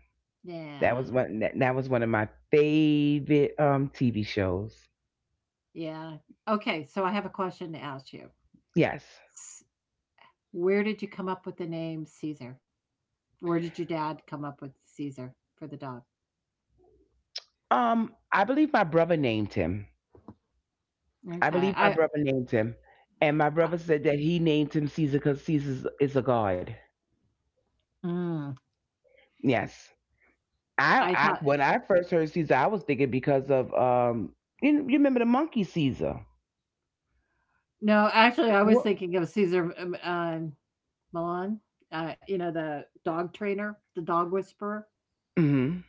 Speaker 2: That
Speaker 1: Yeah,
Speaker 2: was one. That was one of my favorite TV shows.
Speaker 1: yeah. Okay, so I have a question to ask you.
Speaker 2: Yes.
Speaker 1: S- Where did you come up with the name Caesar? Where did your dad come up with Caesar for the dog?
Speaker 2: I believe my brother named him. I
Speaker 1: Okay,
Speaker 2: believe my brother named him, and my brother said that he named him Caesar because Caesar is a god.
Speaker 1: Mm,
Speaker 2: Yes.
Speaker 1: I
Speaker 2: I
Speaker 1: thought
Speaker 2: when I first heard Caesar, I was thinking because of. You remember the monkey Caesar?
Speaker 1: no, actually, I was
Speaker 2: Well,
Speaker 1: thinking of Caesar, Milan. The dog trainer, the dog whisperer.
Speaker 2: mhm.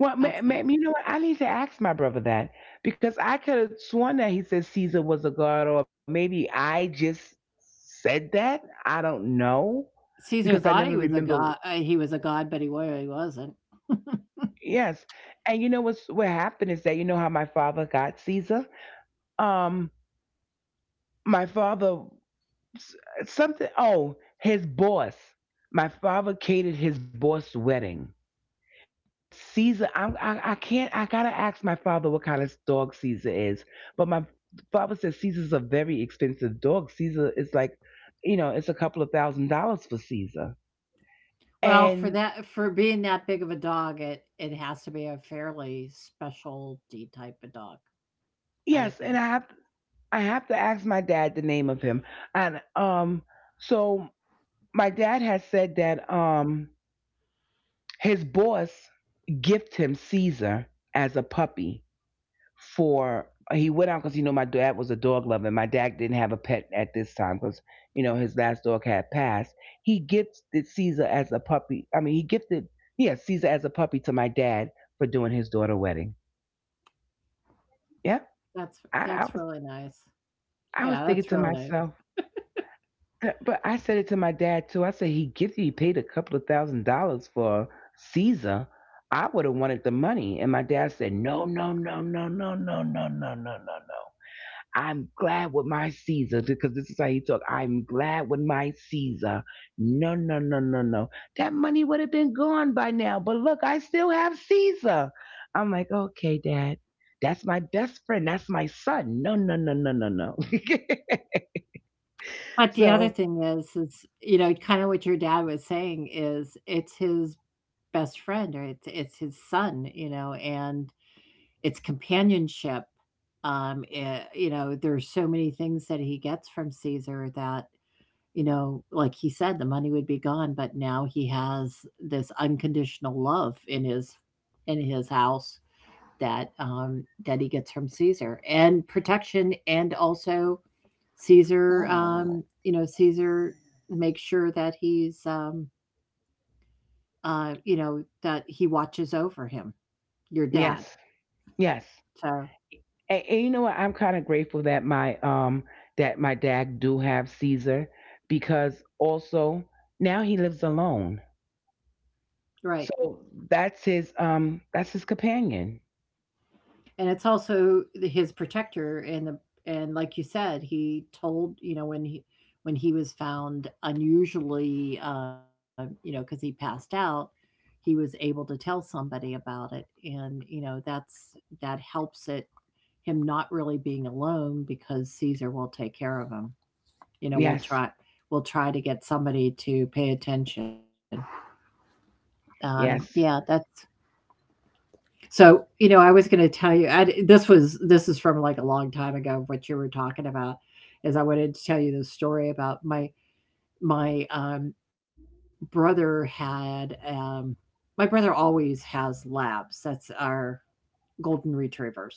Speaker 2: Well,
Speaker 1: That's
Speaker 2: you know what? I need to ask my brother that because I could have sworn that he said Caesar was a god, or maybe I just said that. I don't know
Speaker 1: Caesar
Speaker 2: because I
Speaker 1: thought he
Speaker 2: never
Speaker 1: was a
Speaker 2: remember.
Speaker 1: god. He was a god, but he really wasn't. *laughs*
Speaker 2: Yes, and you know what happened is that you know how my father got Caesar. Um, my father s- something. Oh, his boss. My father catered his boss's wedding. And Caesar, I can't, I gotta ask my father what kind of dog Caesar is. But my father says Caesar's a very expensive dog. Caesar is like, it's a couple of thousand dollars for Caesar.
Speaker 1: Well,
Speaker 2: And
Speaker 1: for being that big of a dog, it has to be a fairly specialty type of dog, I
Speaker 2: yes,
Speaker 1: would
Speaker 2: and I
Speaker 1: think.
Speaker 2: have, I have to ask my dad the name of him. And so my dad has said that his boss gifted him Caesar as a puppy for he went out because you know my dad was a dog lover and my dad didn't have a pet at this time because you know his last dog had passed. He gifted Caesar as a puppy, I mean he gifted, yeah, Caesar as a puppy to my dad for doing his daughter wedding. Yeah.
Speaker 1: That's
Speaker 2: i, I was
Speaker 1: that's really nice.
Speaker 2: i was thinking
Speaker 1: Yeah,
Speaker 2: to
Speaker 1: that's really
Speaker 2: myself,
Speaker 1: nice.
Speaker 2: but I said it to my dad too. I said he paid a couple of thousand dollars for Caesar. I would have wanted the money. And my dad said, "No no no no no no no no no no no. I'm glad with my Caesar," because this is how he talk. "I'm glad with my Caesar. No, no, no, no, no." That money would have been gone by now. But look, I still have Caesar. I'm like, okay, Dad. That's my best friend. That's my son. No, no, no, no, no, no. *laughs*
Speaker 1: But the other
Speaker 2: So
Speaker 1: thing is, kind of what your dad was saying is it's his best friend, or it's his son, and it's companionship. There's so many things that he gets from Caesar that You know, like he said, the money would be gone, but now he has this unconditional love in his house that he gets from Caesar, and protection, and also Caesar makes sure that that he watches over him, your
Speaker 2: yes,
Speaker 1: dad.
Speaker 2: yes.
Speaker 1: So.
Speaker 2: And you know what? I'm kind of grateful that my that my dad do have Caesar because also now he lives alone.
Speaker 1: Right.
Speaker 2: So that's his companion.
Speaker 1: And it's also the his protector and the and like you said, he told you know, when he was found unusually, because he passed out, he was able to tell somebody about it, and, that helps it him not really being alone because Caesar will take care of him. You know, we'll
Speaker 2: Yes.
Speaker 1: try we'll try to get somebody to pay attention. Yeah,
Speaker 2: Yes.
Speaker 1: that's So, I was going to tell you, I, d- this was this is from like a long time ago. What you were talking about is I wanted to tell you the story about my my brother had my brother always has labs. That's our golden retrievers.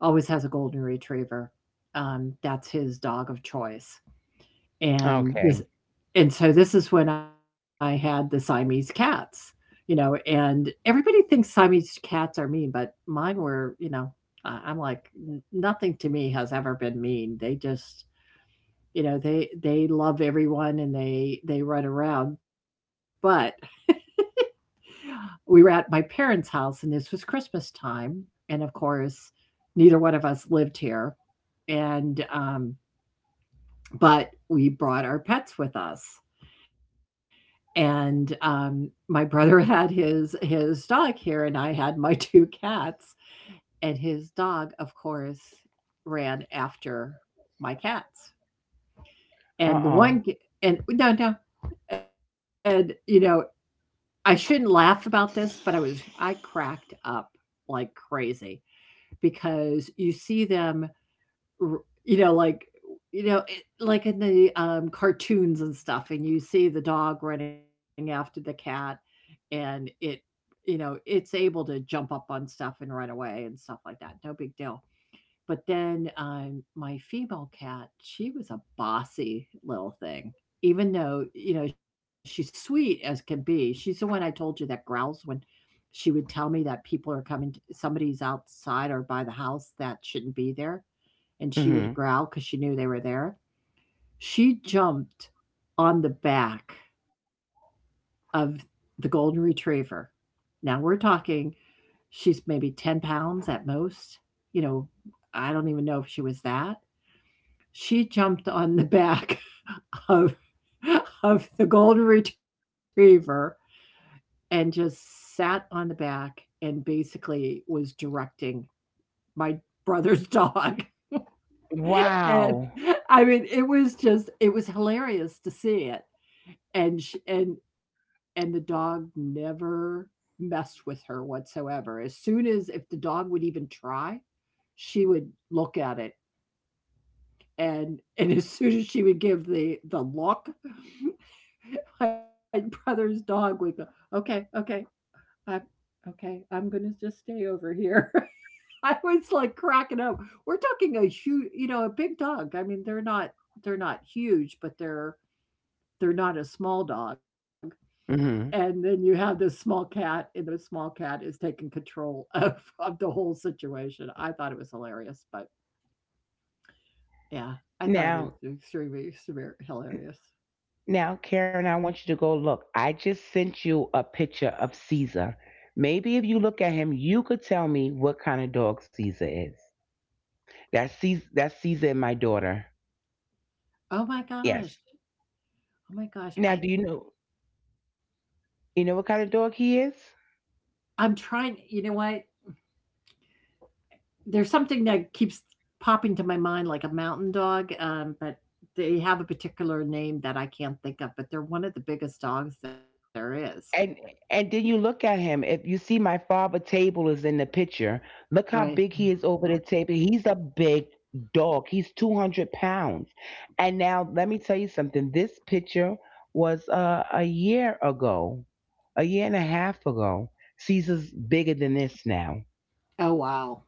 Speaker 1: Always has a golden retriever. That's his dog of choice. And this
Speaker 2: Okay.
Speaker 1: and so this is when I had the Siamese cats, and everybody thinks Siamese cats are mean, but mine were. I'm like, Nothing to me has ever been mean. They just, they love everyone, and they run around." But we were at my parents' house, and this was Christmas time, and of course, neither one of us lived here, and but we brought our pets with us. And, my brother *laughs* had his dog here, and I had my *laughs* 2 cats, and his dog, of course, ran after my cats. And the
Speaker 2: Uh-oh.
Speaker 1: one g and No, no, and, you know, I shouldn't laugh about this, but I cracked up like crazy because you see them r you know, like, you know, it like in the, cartoons and stuff, and you see the dog running after the cat, and it's able to jump up on stuff and run away and stuff like that. No big deal. But then my female cat, she was a bossy little thing. Even though, she's sweet as can be. She's the one I told you that growls when she would tell me that people are coming, somebody's outside or by the house that shouldn't be there. And she would
Speaker 2: Mhm.
Speaker 1: growl because she knew they were there. She jumped on the back of the golden retriever. Now we're talking. She's maybe 10 pounds at most. You know, I don't even know if she was that. She jumped on the *laughs* back of of the golden retriever, and just sat on the back, and basically was directing my brother's dog. *laughs*
Speaker 2: Wow.
Speaker 1: And I mean, it was just it was hilarious to see it. And she and the dog never messed with her whatsoever. As soon as if the dog would even try, she would look at it, and as soon as she would give the look, *laughs* my brother's dog would go, "Okay, okay, i'm okay I'm gonna just stay over here." *laughs* I was like cracking up. We're talking a huge, a big dog. I mean, they're not huge, but they're not a small dog.
Speaker 2: Mhm.
Speaker 1: And then you have this small cat, and the small cat is taking control *laughs* of the whole situation. I thought it was hilarious, but yeah, I thought it
Speaker 2: Now,
Speaker 1: was extremely severe, hilarious.
Speaker 2: now, Karen, I want you to go look. I just sent you a picture of Caesar. Maybe if you look at him, you could tell me what kind of dog Caesar is. That's Caesar and my daughter.
Speaker 1: Oh my gosh.
Speaker 2: Yes.
Speaker 1: Oh my gosh,
Speaker 2: Now,
Speaker 1: I
Speaker 2: do you know what kind of dog he is?
Speaker 1: I'm trying. You know what? There's something that keeps popping to my mind, like a mountain dog, but they have a particular name that I can't think of, but they're one of the biggest dogs there is,
Speaker 2: And and then you look at him. If you see, my father table is in the picture, look how
Speaker 1: right?
Speaker 2: big he is over the table. He's a big dog. He's 200 pounds. And now let me tell you something, this picture was a year ago, a year and a half ago. Caesar's bigger than this now.
Speaker 1: Oh, wow.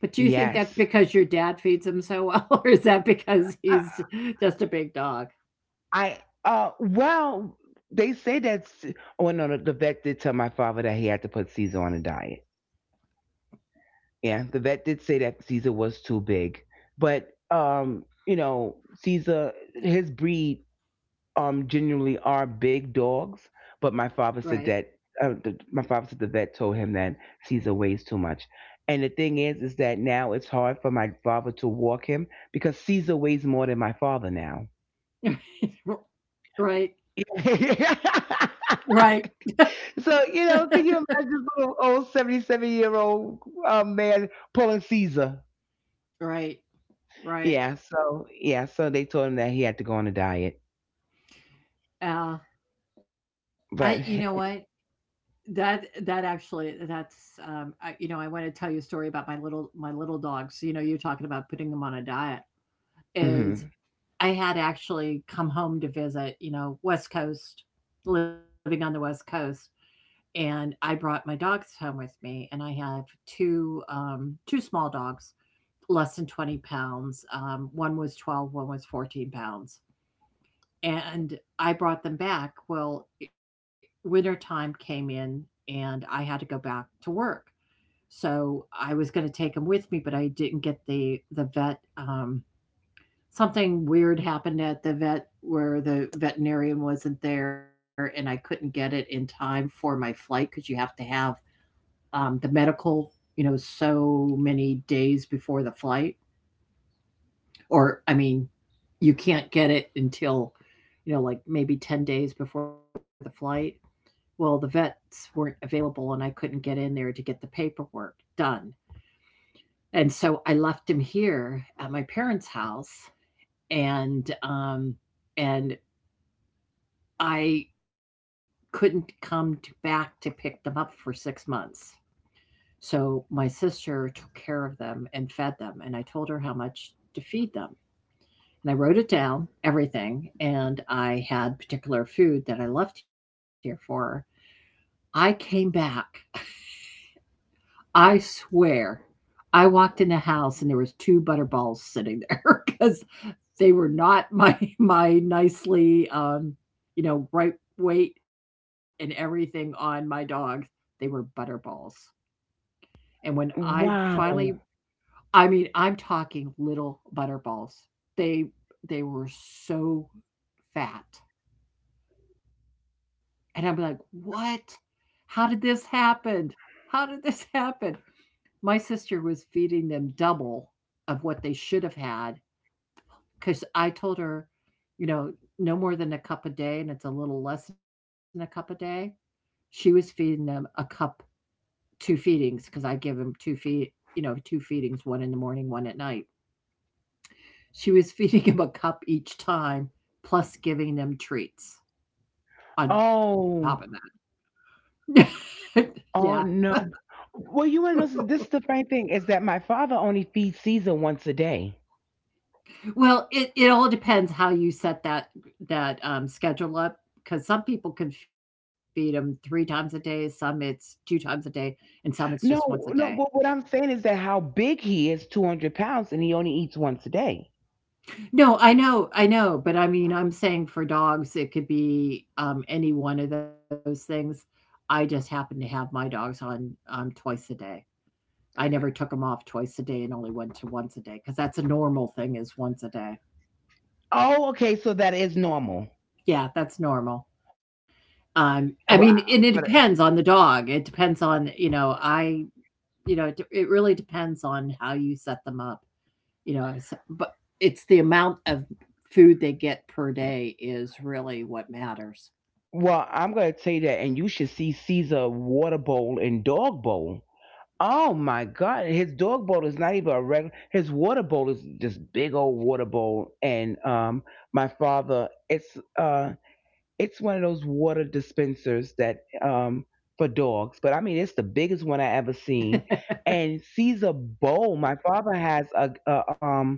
Speaker 1: But do you think that's
Speaker 2: Yes.
Speaker 1: because your dad feeds him so well, *laughs* or is that because
Speaker 2: i,
Speaker 1: he's just a big dog?
Speaker 2: I uh well, they say that's oh no, the vet did tell my father that he had to put Caesar on a diet. Yeah, the vet did say that Caesar was too big, but you know, Caesar, his breed generally are big dogs. But my
Speaker 1: Right.
Speaker 2: father said that my father said the vet told him that Caesar weighs too much. And the thing is that now it's hard for my father to walk him because Caesar weighs more than my father now.
Speaker 1: *laughs*
Speaker 2: *laughs*
Speaker 1: Right.
Speaker 2: So
Speaker 1: Right.
Speaker 2: you know,
Speaker 1: *laughs*
Speaker 2: can
Speaker 1: Right.
Speaker 2: you imagine this little old 77-year old man pulling Caesar?
Speaker 1: Right. Right.
Speaker 2: Yeah, so yeah, so they told him that he had to go on a diet.
Speaker 1: Yeah. I You know
Speaker 2: But
Speaker 1: what? That actually that's I, you know, I want to tell you a story about my little dogs. So, you're talking about putting them on a diet,
Speaker 2: *laughs*
Speaker 1: is
Speaker 2: mhm.
Speaker 1: I had actually come home to visit, West Coast, living on the West Coast, and I brought my dogs home with me, and I have two small dogs, less than 20 pounds. One was 12, one was 14 pounds, and I brought them back. Well, wintertime came in, and I had to go back to work. So I was gonna take them with me, but I didn't get the vet, something weird happened at the vet where the veterinarian wasn't there, and I couldn't get it in time for my flight, because you have to have, the medical, so many days before the flight, or I mean, you can't get it until, like, maybe 10 days before the flight. Well, the vets weren't available, and I couldn't get in there to get the paperwork done. And so I left him here at my parents' house, and and I couldn't back to pick them up for 6 months. So my sister took care of them and fed them, and I told her how much to feed them. And I wrote it down, everything, and I had particular food that I left here for her. I came back, I swear, I walked in the house, and there was 2 butterballs sitting there *laughs* because they were not my *laughs* my nicely, right weight and everything on my dogs. They were butterballs. And when I finally
Speaker 2: Wow.
Speaker 1: I mean, I'm talking little butterballs. They they were so fat. And I'm like, "What? How did this happen? How did this happen?" My sister was feeding them double of what they should have had, because I told her, you know, "No more than a cup a day," and it's a little less than a cup a day. She was feeding them a cup 2 feedings, because I give them 2 feedings, 1 in the morning, 1 at night. She was *laughs* feeding 'em a cup each time, plus giving them treats on top of
Speaker 2: Oh,
Speaker 1: that. *laughs* Yeah.
Speaker 2: oh no. Well, you want to know this is the funny thing is that my father only feeds Caesar once a day.
Speaker 1: Well, it all depends how you set that schedule up, because some people can feed them 3 times a day, some it's 2 times a day, and some it's just once a
Speaker 2: No,
Speaker 1: day.
Speaker 2: no. But what I'm saying is that how big he is, 200 pounds, and he only eats once a day.
Speaker 1: No, I know, but I mean, I'm saying for dogs, it could be, any one of those things. I just happen to have my dogs on, twice a day. I never took them off twice a day and only went to once a day, because that's a normal thing, is once a day.
Speaker 2: Oh, okay. So that is normal.
Speaker 1: Yeah, that's normal. I mean,
Speaker 2: Well, I-
Speaker 1: and it
Speaker 2: but
Speaker 1: depends on the dog. It depends on, you know, I, you know, it, de- it really depends on how you set them up. You know, but it's the amount of food they get per day is really what matters.
Speaker 2: well, I'm gonna tell you that, and you should see Caesar water bowl and dog bowl. Oh my God! His dog bowl is not even a regular. His water bowl is this big old water bowl, and my father, it's one of those water dispensers that for dogs. But I mean, it's the biggest one I ever seen, and sees a bowl. My father has a,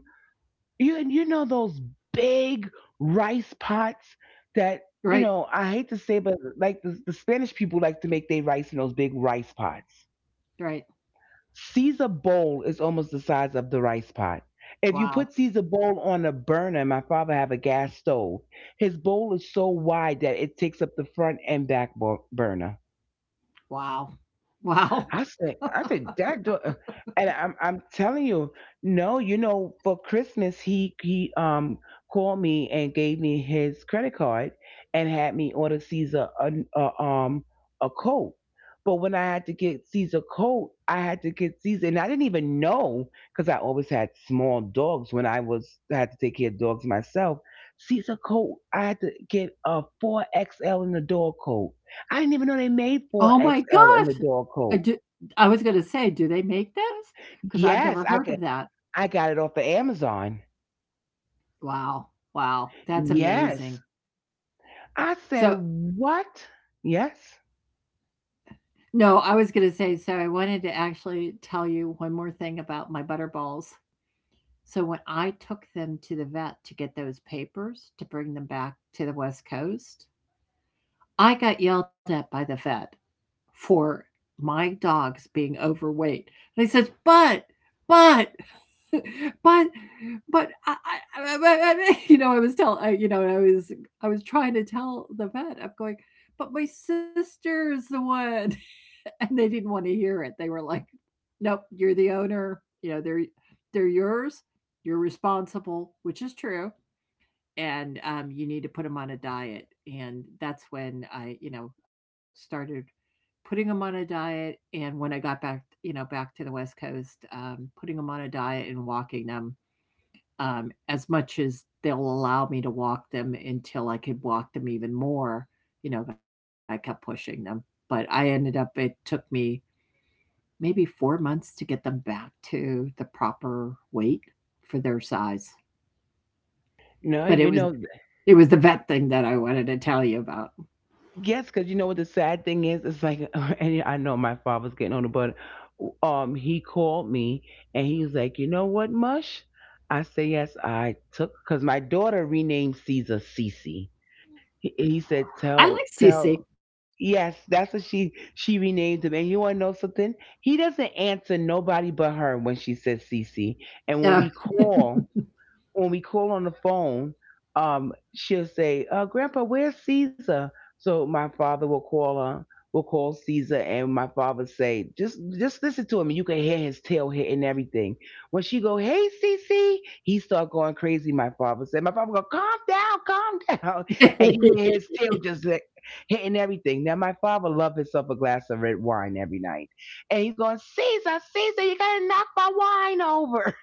Speaker 2: you know those big rice pots that you
Speaker 1: Right?
Speaker 2: know, I hate to say, but like the Spanish people like to make their rice in those big rice pots.
Speaker 1: Right.
Speaker 2: Caesar bowl is almost the size of the rice pot. If you put
Speaker 1: Wow.
Speaker 2: Caesar bowl on a burner, my father have a gas stove. His bowl is so wide that it takes up the front and burner.
Speaker 1: Wow. *laughs* Wow.
Speaker 2: I said, I think that, and I'm telling you, no, you know, for Christmas he called me and gave me his credit card and had me order Caesar a a coat. But when I had to get Caesar coat, I had to get Caesar, and I didn't even know because I always had small dogs when I was, I had to take care of dogs myself. Caesar coat, I had to get a four XL in the dog coat. I didn't even know they
Speaker 1: Oh
Speaker 2: made
Speaker 1: my
Speaker 2: four
Speaker 1: gosh.
Speaker 2: XL in the
Speaker 1: I
Speaker 2: dog
Speaker 1: do,
Speaker 2: coat.
Speaker 1: I was going to say, do they make those? Because I've never
Speaker 2: Yes,
Speaker 1: heard of that.
Speaker 2: I got it off of Amazon.
Speaker 1: Wow. Wow. That's amazing.
Speaker 2: Yes. I
Speaker 1: So.
Speaker 2: said, "What?" Yes.
Speaker 1: No, I was gonna say, so I wanted to actually tell you one more thing about my butter balls. So when I took them to the vet to get those papers to bring them back to the West Coast, I got yelled at by the vet for my dogs being overweight. And he says, "But, *laughs* but but I, *laughs* you know I was tell I, you know I was I was trying to tell the vet, I'm going, but my sister's the one, *laughs* and they didn't want to hear it. They were like, 'Nope, you're the owner, they're yours, you're responsible,' which is true. And you need to put them on a diet." And that's when I started putting them on a diet. And when I got back, back to the West Coast, putting them on a diet and walking them, as much as they'll allow me to walk them until I could walk them even more. You know, I kept pushing them, but I ended up, it took me maybe 4 months to get them back to the proper weight for their size.
Speaker 2: No,
Speaker 1: But it
Speaker 2: you
Speaker 1: was
Speaker 2: know,
Speaker 1: It was the vet thing that I wanted to tell you about.
Speaker 2: yes, because you know what the sad thing is? It's like, *laughs* and I know my father's getting older, but he called me and he was like, you know what, Mush? I said, yes, I took, because my daughter renamed Caesar Cece. He said,
Speaker 1: I
Speaker 2: tell,
Speaker 1: like CC.
Speaker 2: tell, yes, that's what she renamed him. And you want to know something? He doesn't answer nobody but her when she says Cece. And
Speaker 1: Oh. *laughs*
Speaker 2: when we call on the phone, she'll say, "Grandpa, where's Caesar?" So my father will call her, will call Caesar, and my father say, just listen to him. You can hear his tail hitting everything." When she go, "Hey, Cece," he start going crazy. My father said, "My father go, calm down, calm *laughs* down," and you hear his tail just like hitting everything. Now my father love himself a glass of red wine every night, and he's going, "Caesar, Caesar, you gotta knock my wine over."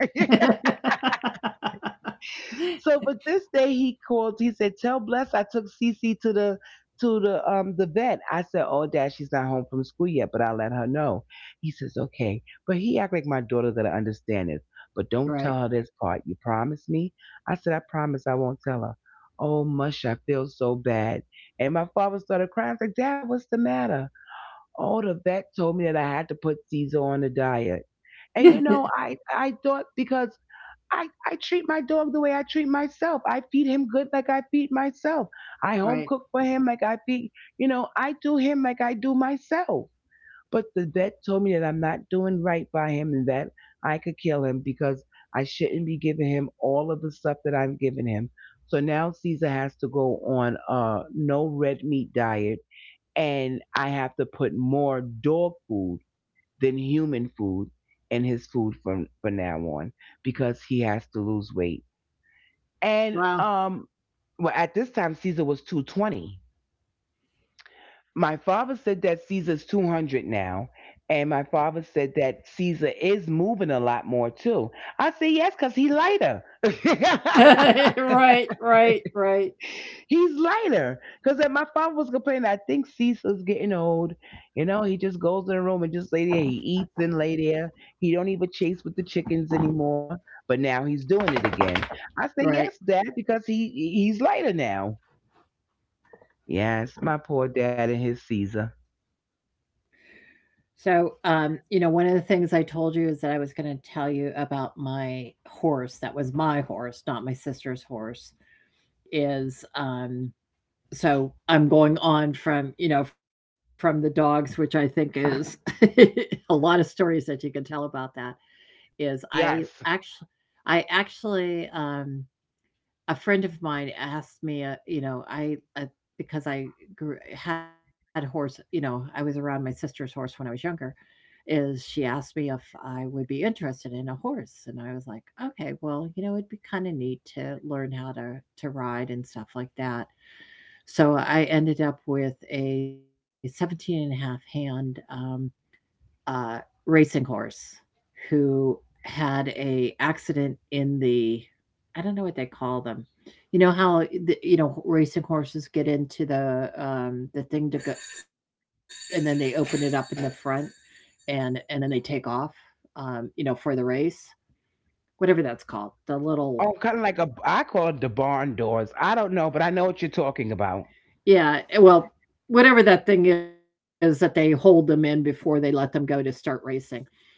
Speaker 2: So, but this day he called. He said, "Tell Bless I took Cece to the vet." I said, "Oh, Dad, she's not home from school yet, but I'll let her know." He says, "Okay," but he act like my daughter's gonna understand this. But don't
Speaker 1: Right.
Speaker 2: tell her this part. You promise me? I said, "I promise. I won't tell her." Oh, mush! I feel so bad. And my father started crying. I was like, "Dad, what's the matter?" Oh, the vet told me that I had to put Caesar on the diet. And you know,
Speaker 1: *laughs*
Speaker 2: I thought because I treat my dog the way I treat myself. I feed him good like I feed myself. I home
Speaker 1: Right.
Speaker 2: cook for him like I feed, you know, I do him like I do myself. But the vet told me that I'm not doing right by him and that I could kill him because I shouldn't be giving him all of the stuff that I'm giving him. So now Caesar has to go on a no red meat diet and I have to put more dog food than human food in his food from now on because he has to lose weight. And
Speaker 1: Wow. *laughs*
Speaker 2: well, at this time Caesar was 220. My father said that Caesar's 200 now, and my father said that Caesar is moving a lot more too. I say yes because he lighter. *laughs*
Speaker 1: Right, right, right,
Speaker 2: He's lighter. Because my father was complaining, I think Cecil's getting old. You know, he just goes in the room and just lay there. He eats and lay there. He don't even chase with the chickens anymore. But now he's doing it again. I say,
Speaker 1: right.
Speaker 2: yes, Dad, because he's lighter now. Yes, my poor dad and his Caesar.
Speaker 1: So, one of the things I told you is that I was going to tell you about my horse. That was my horse, not my sister's horse. Is so I'm going on from you know from the dogs, which I think is *laughs* a lot of stories that you can tell about that. Is
Speaker 2: Yes.
Speaker 1: I actually A friend of mine asked me, you know, I because had horse, you know, I was around my sister's horse when I was younger. Is She asked me if I would be interested in a horse, and I was like, okay, well, you know, it'd be kind of neat to learn how to ride and stuff like that. So I ended up with a 17 and a half hand uh, racing horse who had a accident in the— I don't know what they call them. You know how the, you know racing horses get into the thing to go, and then they open it up in the front and then they take off. For the race, whatever that's called, the little—
Speaker 2: Oh, kind of like a, I call it the barn doors. I don't know, but I know what you're talking about.
Speaker 1: Yeah. Well, whatever that thing is that they hold them in before they let them go to start racing.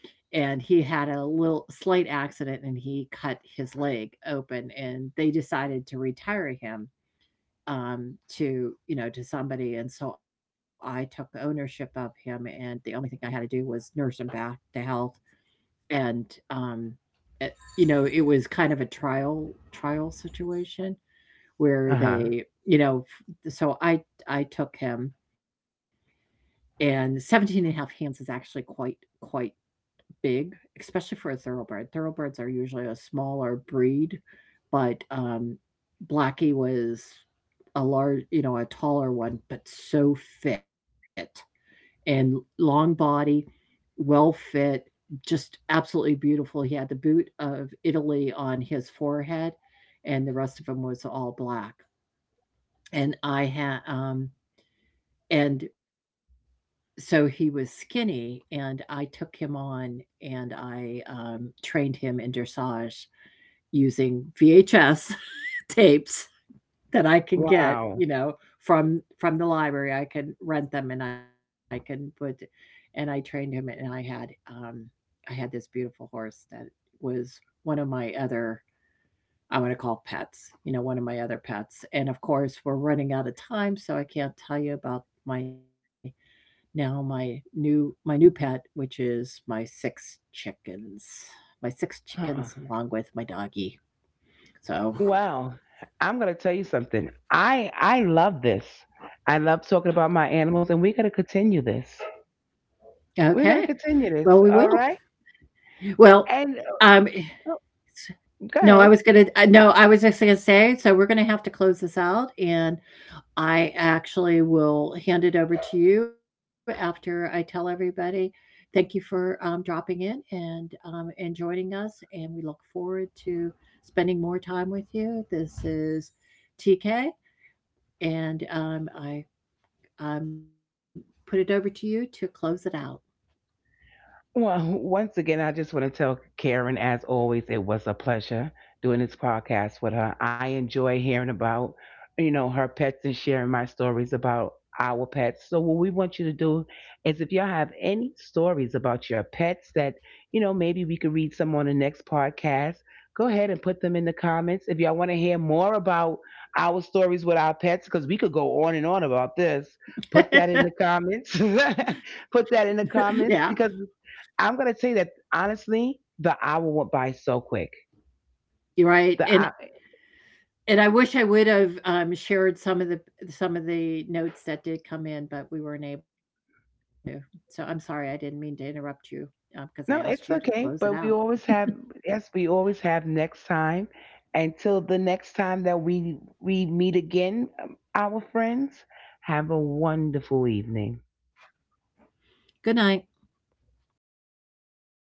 Speaker 1: And he had a little slight accident and he cut his leg open and they decided to retire him, to you know to somebody, and so I took ownership of him and the only thing I had to do was nurse him back to health. And um it, you know It was kind of a trial situation where
Speaker 2: Uh-huh.
Speaker 1: they you know f- so I took him, and 17.5 hands is actually quite big, especially for a thoroughbred. Thoroughbreds are usually a smaller breed, but Blackie was a large, you know, a taller one, but so fit and long body, well fit, just absolutely beautiful. He had the boot of Italy on his forehead, and the rest of him was all black. And I had, um, and so he was skinny, and I took him on and I, trained him in dressage using VHS *laughs* tapes that I can get, you
Speaker 2: Wow.
Speaker 1: know, from the library. I can rent them and I can put and I trained him and I had this beautiful horse that was one of my other I wanna call pets, you know, one of my other pets. And of course, we're running out of time, so I can't tell you about my— now my new pet, which is my six chickens
Speaker 2: Uh-uh.
Speaker 1: along with my doggie. So,
Speaker 2: Well, I'm gonna tell you something. I love this. I love talking about my animals, and we're gonna continue this.
Speaker 1: okay,
Speaker 2: We're gonna
Speaker 1: well, we
Speaker 2: continue
Speaker 1: will.
Speaker 2: this. All right.
Speaker 1: Well,
Speaker 2: And
Speaker 1: um,
Speaker 2: uh, go
Speaker 1: no, I was
Speaker 2: ahead.
Speaker 1: gonna no, I was just gonna say, so we're gonna have to close this out, and I actually will hand it over to you after I tell everybody. Thank you for dropping in and joining us, and we look forward to spending more time with you. This is TK, and I um, put it over to you to close it out.
Speaker 2: Well, once again, I just want to tell Karen, as always, it was a pleasure doing this podcast with her. I enjoy hearing about, you know, her pets and sharing my stories about our pets. So what we want you to do is if y'all have any stories about your pets that, you know, maybe we could read some on the next podcast, go ahead and put them in the comments. If y'all want to hear more about our stories with our pets, because we could go on and on about this, put that in the
Speaker 1: *laughs*
Speaker 2: comments. *laughs* Put that in the
Speaker 1: Yeah,
Speaker 2: comments because I'm gonna tell you that honestly, the hour went by so quick.
Speaker 1: you're right.
Speaker 2: The
Speaker 1: And
Speaker 2: hour,
Speaker 1: And I wish I would have, shared some of the notes that did come in, but we weren't able to. So I'm sorry, I didn't mean to interrupt you, because I asked
Speaker 2: no,
Speaker 1: you to
Speaker 2: it's
Speaker 1: close it
Speaker 2: okay,
Speaker 1: out.
Speaker 2: but we always have yes, we always have next time. Until the next time that we meet again, our friends, have a wonderful evening.
Speaker 1: Good night.